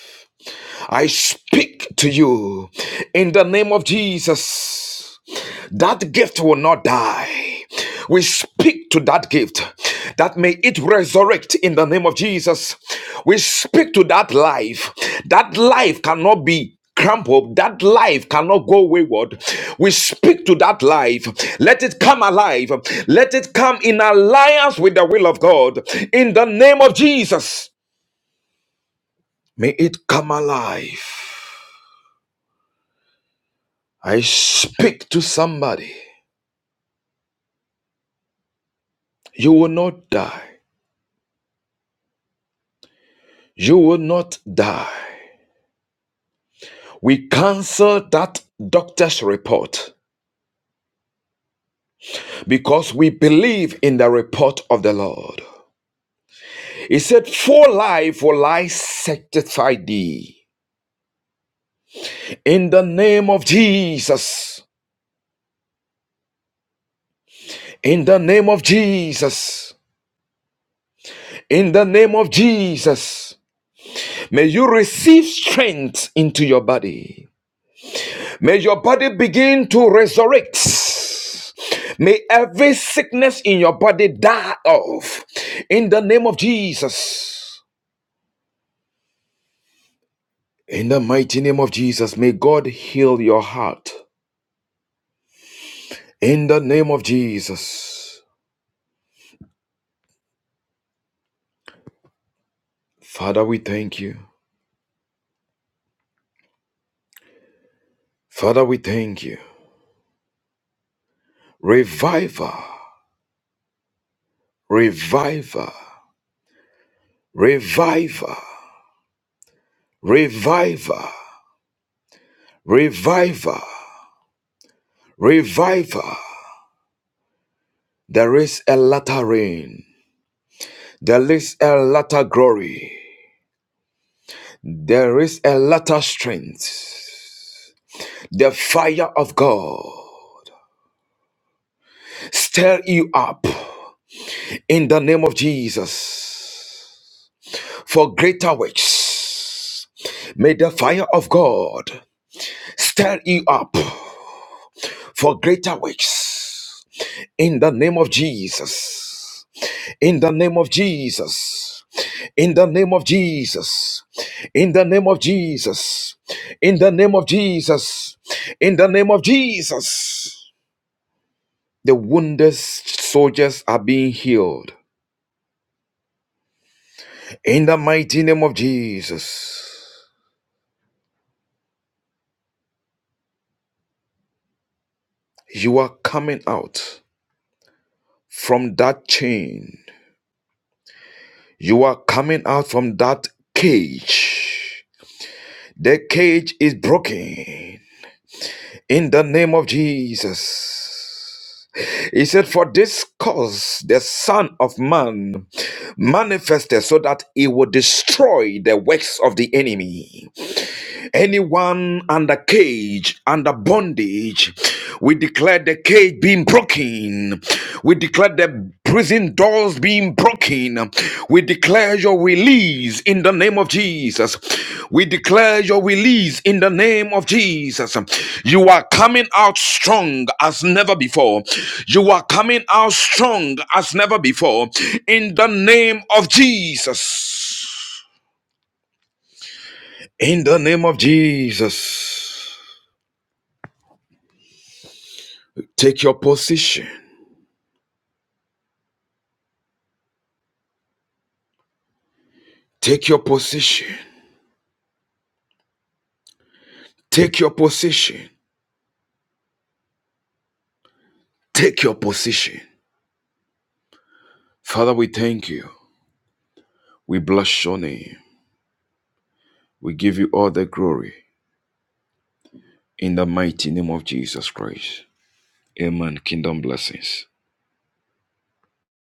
Speaker 5: I speak to you in the name of Jesus. That gift will not die. We speak to that gift that may it resurrect in the name of Jesus. We speak to that life. That life cannot be crumpled. That life cannot go wayward. We speak to that life. Let it come alive. Let it come in alliance with the will of God in the name of Jesus. May it come alive. I speak to somebody. You will not die. You will not die. We cancel that doctor's report because we believe in the report of the Lord. He said, For life will I sanctify thee. In the name of Jesus. In the name of Jesus. In the name of Jesus. May you receive strength into your body. May your body begin to resurrect. May every sickness in your body die off. In the name of Jesus. In the mighty name of Jesus, may God heal your heart. In the name of Jesus. Father, we thank you. Father, we thank you. Reviver, reviver, reviver, reviver, reviver, reviver. There is a latter rain. There is a latter glory. There is a latter strength. The fire of God stir you up in the name of Jesus for greater works. May the fire of God stir you up for greater works. In the name of Jesus. In the name of Jesus. In the name of Jesus. In the name of Jesus. In the name of Jesus. In the name of Jesus. The wounded soldiers are being healed. In the mighty name of Jesus, you are coming out from that chain. You are coming out from that cage. The cage is broken in the name of Jesus. He said, For this cause the Son of Man manifested so that he would destroy the works of the enemy. Anyone under cage, under bondage, we declare the cage being broken. We declare the prison doors being broken. We declare your release in the name of Jesus. We declare your release in the name of Jesus. You are coming out strong as never before. You are coming out strong as never before in the name of Jesus. In the name of Jesus. Take your position. Take your position. Take your position. Take your position. Father, we thank you. We bless your name. We give you all the glory in the mighty name of Jesus Christ. Amen. Kingdom blessings.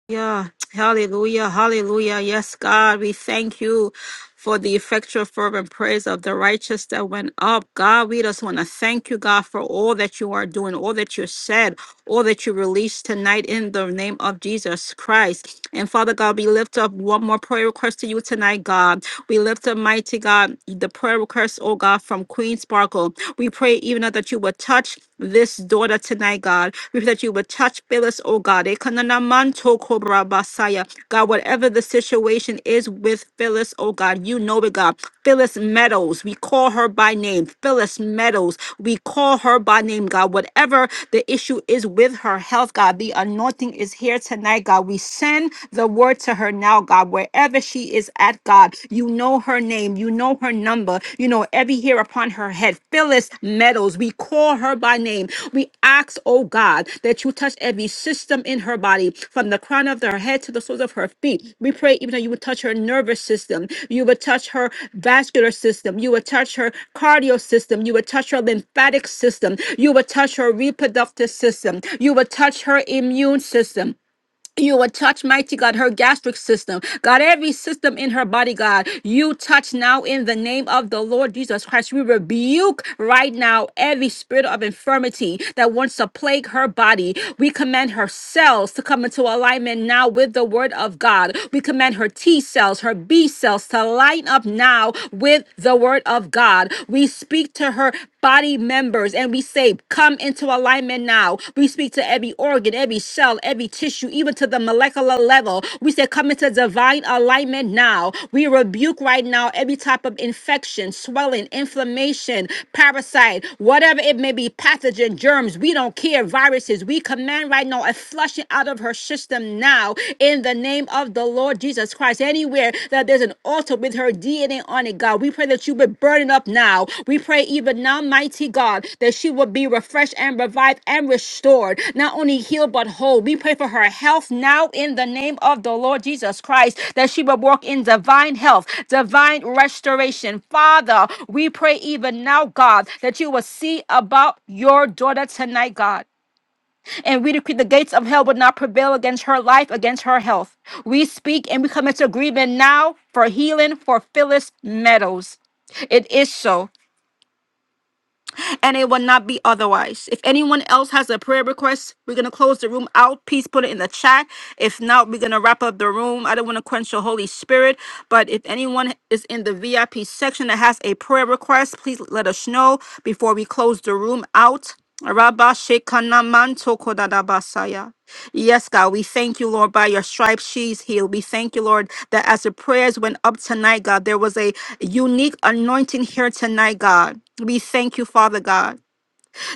Speaker 2: Yeah, hallelujah, hallelujah. Yes, God, we thank you for the effectual fervent prayers of the righteous that went up. God, we just want to thank you, God, for all that you are doing, all that you said, all that you released tonight in the name of Jesus Christ. And Father God, we lift up one more prayer request to you tonight, God. We lift up, mighty God, the prayer request, oh God, from Queen Sparkle. We pray even now that you would touch touch this daughter tonight, God. We pray that you would touch Phyllis, oh God. Ekanana manto korabasaya. God, whatever the situation is with Phyllis, oh God, you know it, God. Phyllis Meadows, we call her by name. Phyllis Meadows, we call her by name, God. Whatever the issue is with her health, God, the anointing is here tonight, God. We send the word to her now, God, wherever she is at, God. You know know her name. You know her number. You know every hair upon her head. Phyllis Meadows. We call her by name. We ask, oh God, that you touch every system in her body, from the crown of her head to the soles of her feet. We pray even that you would touch her nervous system. You would touch her vascular system. You would touch her cardio system. You would touch her lymphatic system. You would touch her reproductive system. You would touch her immune system. You will touch, mighty God, her gastric system. God, every system in her body, God, you touch now in the name of the Lord Jesus Christ. We rebuke right now every spirit of infirmity that wants to plague her body. We command her cells to come into alignment now with the word of God. We command her T cells, her B cells to line up now with the word of God. We speak to her body body members and we say, Come into alignment now. We speak to every organ, every cell, every tissue, even to the molecular level. We say, Come into divine alignment now. We rebuke right now every type of infection, swelling, inflammation, parasite, whatever it may be, pathogen, germs. We don't care, viruses. We command right now a flushing out of her system now in the name of the Lord Jesus Christ there's anywhere that there's an altar with her DNA on it, God. We pray that you would burn it up now. We pray even now, mighty God, that she would be refreshed and revived and restored, not only healed but whole. We pray for her health now in the name of the Lord Jesus Christ, that she would walk in divine health, divine restoration. Father, we pray even now, God, that you will see about your daughter tonight, God. And we decree the gates of hell will not prevail against her life, against her health. We speak and we come into agreement now for healing for Phyllis Meadows. It is so, and it will not be otherwise. If anyone else has a prayer request, we're going to close the room out. Please put it in the chat. If not, we're going to wrap up the room. I don't want to quench the Holy Spirit, but if anyone is in the VIP section that has a prayer request, please let us know before we close the room out. Rabashekanamantokodadabasaya. Yes, God, we thank you, Lord, by your stripes she's healed. We thank you, Lord, that as the prayers went up tonight, God, there was a unique anointing here tonight, God. We thank you, Father God,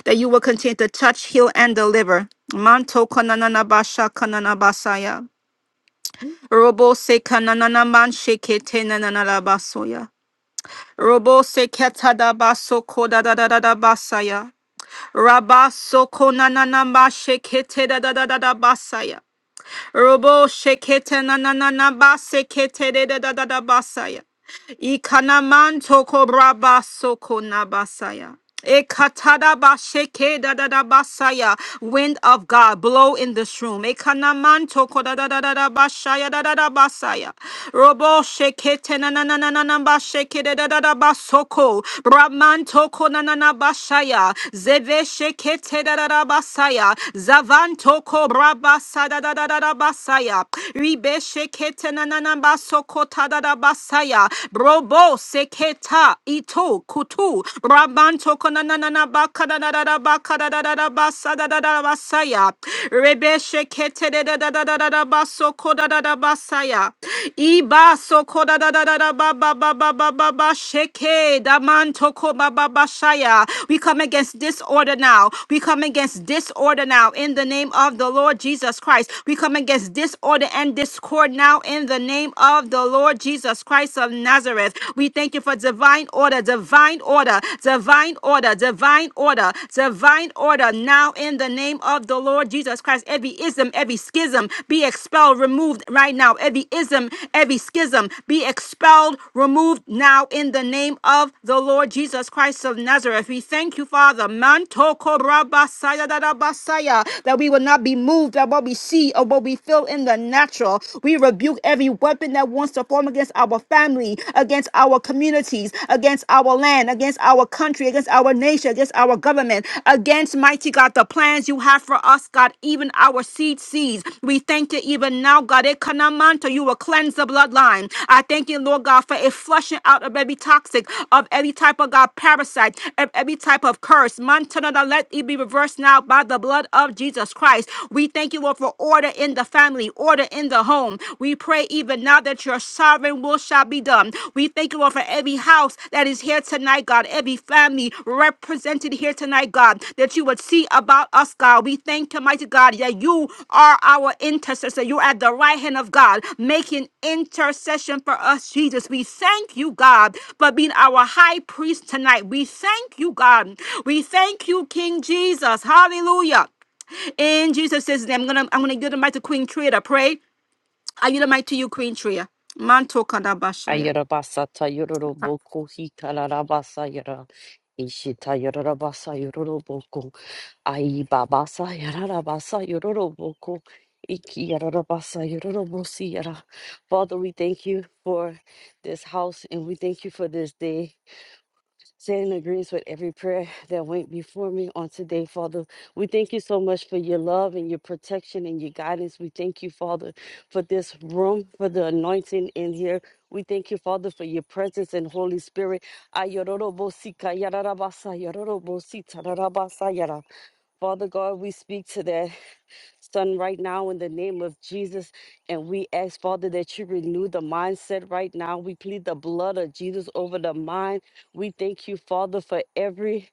Speaker 2: that you will continue to touch, heal, and deliver. Manto kananana basha kanana Robo se kananana man sheke nanana basoya. Robo se ketada baso Rabaso konananamba shekete da da da da da basaya. Robo shekete na na na na ba sekete de da da da da basaya. Ikanaman toko braba soko nabasaya. Ekatadaba sheke dadadabasaya. Wind of God, blow in this room. Ekanaman toko dadadadabashaya dadadabasaya. Robo sheke tenananananaba sheke dadadabasoko. Brahman toko nananabashaya. Zeve sheke tedadadabasaya. Zavan toko brabasa dadadadabasaya. Ribe sheke tenananabasoko saya robo seketa ito kutu rabanto konanana bakadadada bakadadada basadadada basaya rebe shekete dadadada baso kodadada basaya iba so kodadada baba baba baba ba sheke damanto ko baba bashaya we come against disorder now we come against disorder now in the name of the Lord Jesus Christ we come against disorder and discord now in the name of the Lord our Lord Jesus Christ of Nazareth. We thank you for divine order, divine order, divine order, divine order, divine order. Now, in the name of the Lord Jesus Christ, every ism, every schism be expelled, removed right now. Every ism, every schism be expelled, removed now in the name of the Lord Jesus Christ of Nazareth. We thank you, Father. Manto korabasaya Basaya, That we will not be moved by what we see or what we feel in the natural. We rebuke every weapon that wants to form against our family, against our communities, against our land, against our country, against our nation, against our government, against mighty God, the plans you have for us, God, even our seed seeds. We thank you even now, God. Ekanamanto, You will cleanse the bloodline. I thank you, Lord God, for a flushing out of every toxic, of every type of God parasite, of every type of curse. Mantanada, let it be reversed now by the blood of Jesus Christ. We thank you, Lord, for order in the family, order in the home. We pray even now that your sovereign will shall be done. We thank you, Lord, for every house that is here tonight, God, every family represented here tonight, God, that you would see about us, God. We thank you, mighty God, that you are our intercessor. You're at the right hand of God, making intercession for us, Jesus. We thank you, God, for being our high priest tonight. We thank you, God. We thank you, King Jesus. Hallelujah. In Jesus' name, I'm gonna I'm gonna give the mic to Queen Tria to pray. I yield the mic to you, Queen Tria. Manto Kadabashaya.
Speaker 6: Ayarabasa Tayoroboko Hikarabasa Yara Ishita Yarabasa Yoroboko Aibabasa Yarabasa Yoroboko Iki Yarabasa Yorobosi Yara. Father, we thank you for this house and we thank you for this day. Saying agrees with every prayer that went before me on today, Father. We thank you so much for your love and your protection and your guidance. We thank you, Father, for this room, for the anointing in here. We thank you, Father, for your presence and Holy Spirit. Ayororobosika yararabasa, yororobosita rarabasa yara. Father God, we speak to that. Son, right now, in the name of Jesus, and we ask, Father, that you renew the mindset right now. We plead the blood of Jesus over the mind. We thank you, Father, for every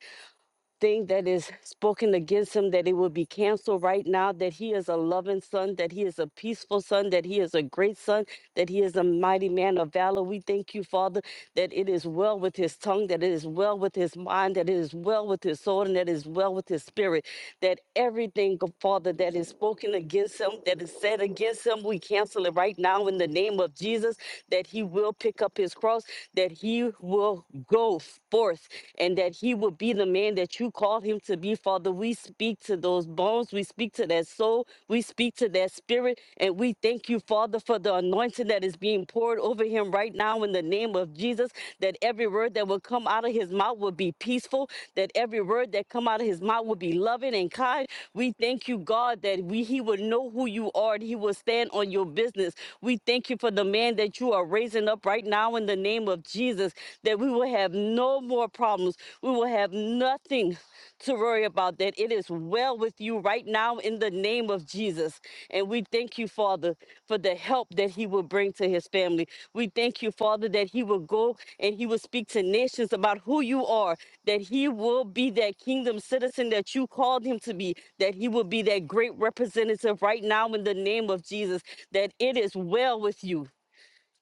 Speaker 6: thing that is spoken against him, that it will be canceled right now, that he is a loving son, that he is a peaceful son, that he is a great son, that he is a mighty man of valor. We thank you, Father, that it is well with his tongue, that it is well with his mind, that it is well with his soul, and that it is well with his spirit. That everything, Father, that is spoken against him, that is said against him, we cancel it right now in the name of Jesus, that he will pick up his cross, that he will go forth and that he will be the man that you called him to be, Father. We speak to those bones, we speak to that soul, we speak to that spirit, and we thank you, Father, for the anointing that is being poured over him right now in the name of Jesus. That every word that will come out of his mouth will be peaceful, that every word that come out of his mouth will be loving and kind. We thank you, God, that we he will know who you are and he will stand on your business. We thank you for the man that you are raising up right now in the name name of Jesus that we will have no more problems. We will have nothing to worry about, that it is well with you right now in the name of Jesus. And we thank you, Father, for the help that he will bring to his family. We thank you, Father, that he will go and he will speak to nations about who you are, that he will be that kingdom citizen that you called him to be, that he will be that great representative right now in the name of Jesus, that it is well with you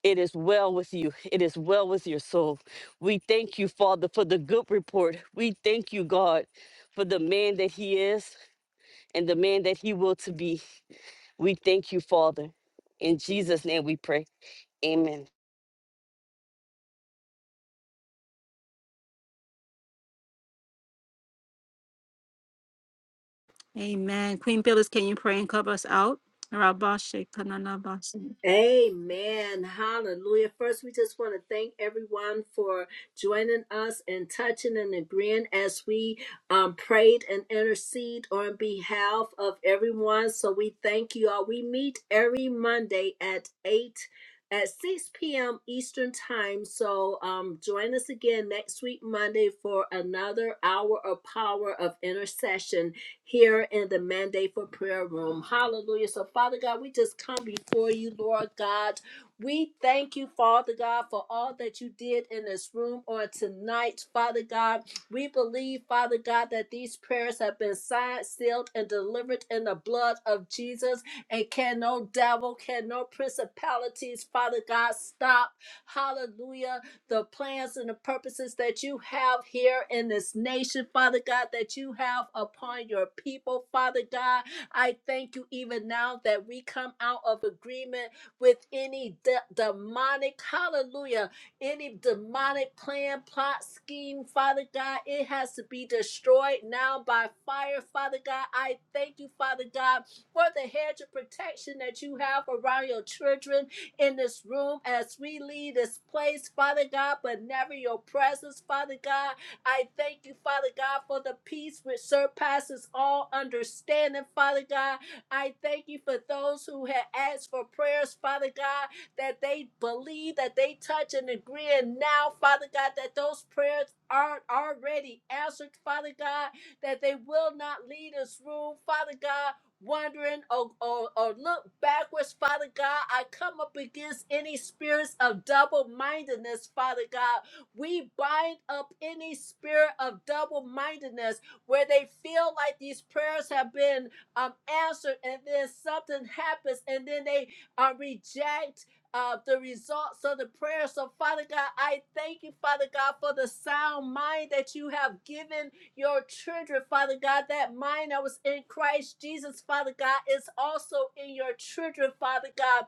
Speaker 6: it is well with you. It is well with your soul. We thank you, Father, for the good report. We thank you, God, for the man that he is and the man that he will to be. We thank you, Father. In Jesus' name we pray. Amen.
Speaker 2: Amen. Queen Phyllis, can you pray and cover us out? Rabashe Kananabasi.
Speaker 1: Amen. Hallelujah. First, we just want to thank everyone for joining us and touching and agreeing as we um, prayed and intercede on behalf of everyone. So we thank you all. We meet every Monday at 8 at 6 p.m. Eastern Time. So um, join us again next week, Monday, for another hour of power of intercession here in the Mandate for Prayer Room. Hallelujah. So, Father God, we just come before you, Lord God. We thank you, Father God, for all that you did in this room on tonight, Father God. We believe, Father God, that these prayers have been signed, sealed, and delivered in the blood of Jesus. And can no devil, can no principalities, Father God, stop, hallelujah, the plans and the purposes that you have here in this nation, Father God, that you have upon your people, Father God. I thank you even now that we come out of agreement with any de- demonic, hallelujah, any demonic plan, plot, scheme, Father God, it has to be destroyed now by fire, Father God. I thank you, Father God, for the hedge of protection that you have around your children in this room as we leave this place, Father God, but never your presence, Father God. I thank you, Father God, for the peace which surpasses all understanding, Father God. I thank you for those who have asked for prayers, Father God, that they believe, that they touch and agree. And now, Father God, that those prayers aren't already answered, Father God, that they will not lead us through, Father God. Wondering or, or, or look backwards, Father God. I come up against any spirits of double mindedness, Father God. We bind up any spirit of double mindedness where they feel like these prayers have been um, answered, and then something happens, and then they uh, reject uh, the results of the prayer. So, Father God, I thank you, Father God, for the sound mind that you have given your children, Father God. That mind that was in Christ Jesus, Father God, is also in your children, Father God.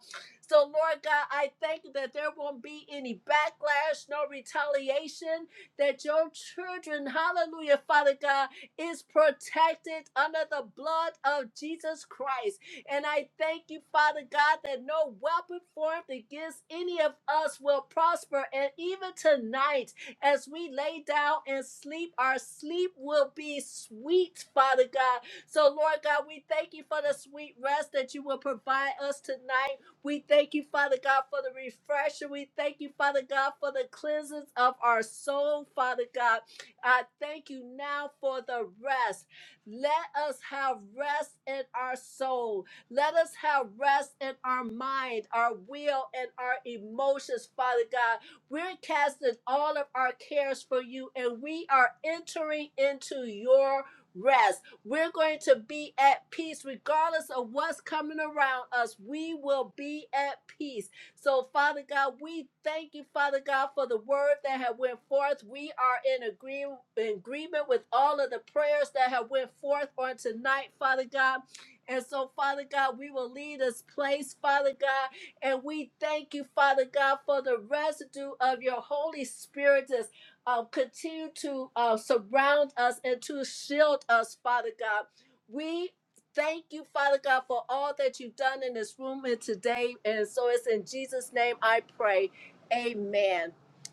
Speaker 1: So, Lord God, I thank you that there won't be any backlash, no retaliation, that your children, hallelujah, Father God is protected under the blood of Jesus Christ. And I thank you, Father God, that no weapon formed against any of us will prosper. And even tonight, as we lay down and sleep, our sleep will be sweet, Father God. So, Lord God, we thank you for the sweet rest that you will provide us tonight. We thank you, Father God, for the refresher. We thank you, Father God, for the cleansing of our soul, Father God. I thank you now for the rest. Let us have rest in our soul. Let us have rest in our mind, our will, and our emotions, Father God. We're casting all of our cares for you and we are entering into your rest. We're going to be at peace regardless of what's coming around us. We will be at peace so, Father God, we thank you, Father God, for the word that have went forth. We are in agree agreement with all of the prayers that have went forth on tonight, Father God. And so, Father God, we will leave this place, Father God, and we thank you, Father God, for the residue of your Holy Spirit that's um, continue to uh, surround us and to shield us, Father God. We Thank you, Father God, for all that you've done in this room and today. And so it's in Jesus' name I pray. Amen.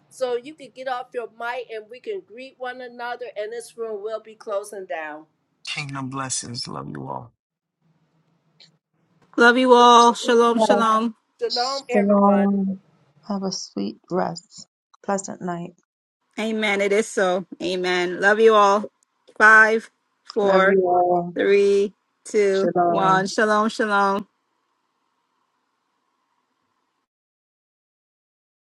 Speaker 1: So you can get off your mic and we can greet one another, and this room will be closing down.
Speaker 2: Love you all. Shalom, shalom.
Speaker 1: Shalom,
Speaker 4: Yes.
Speaker 1: everyone.
Speaker 4: Shalom. Have a sweet rest. Pleasant night.
Speaker 2: Amen. It is so. Amen. Love you all. Five,
Speaker 4: Love
Speaker 2: four,
Speaker 4: you all.
Speaker 2: three, two,
Speaker 4: Shalom.
Speaker 2: one. Shalom, shalom.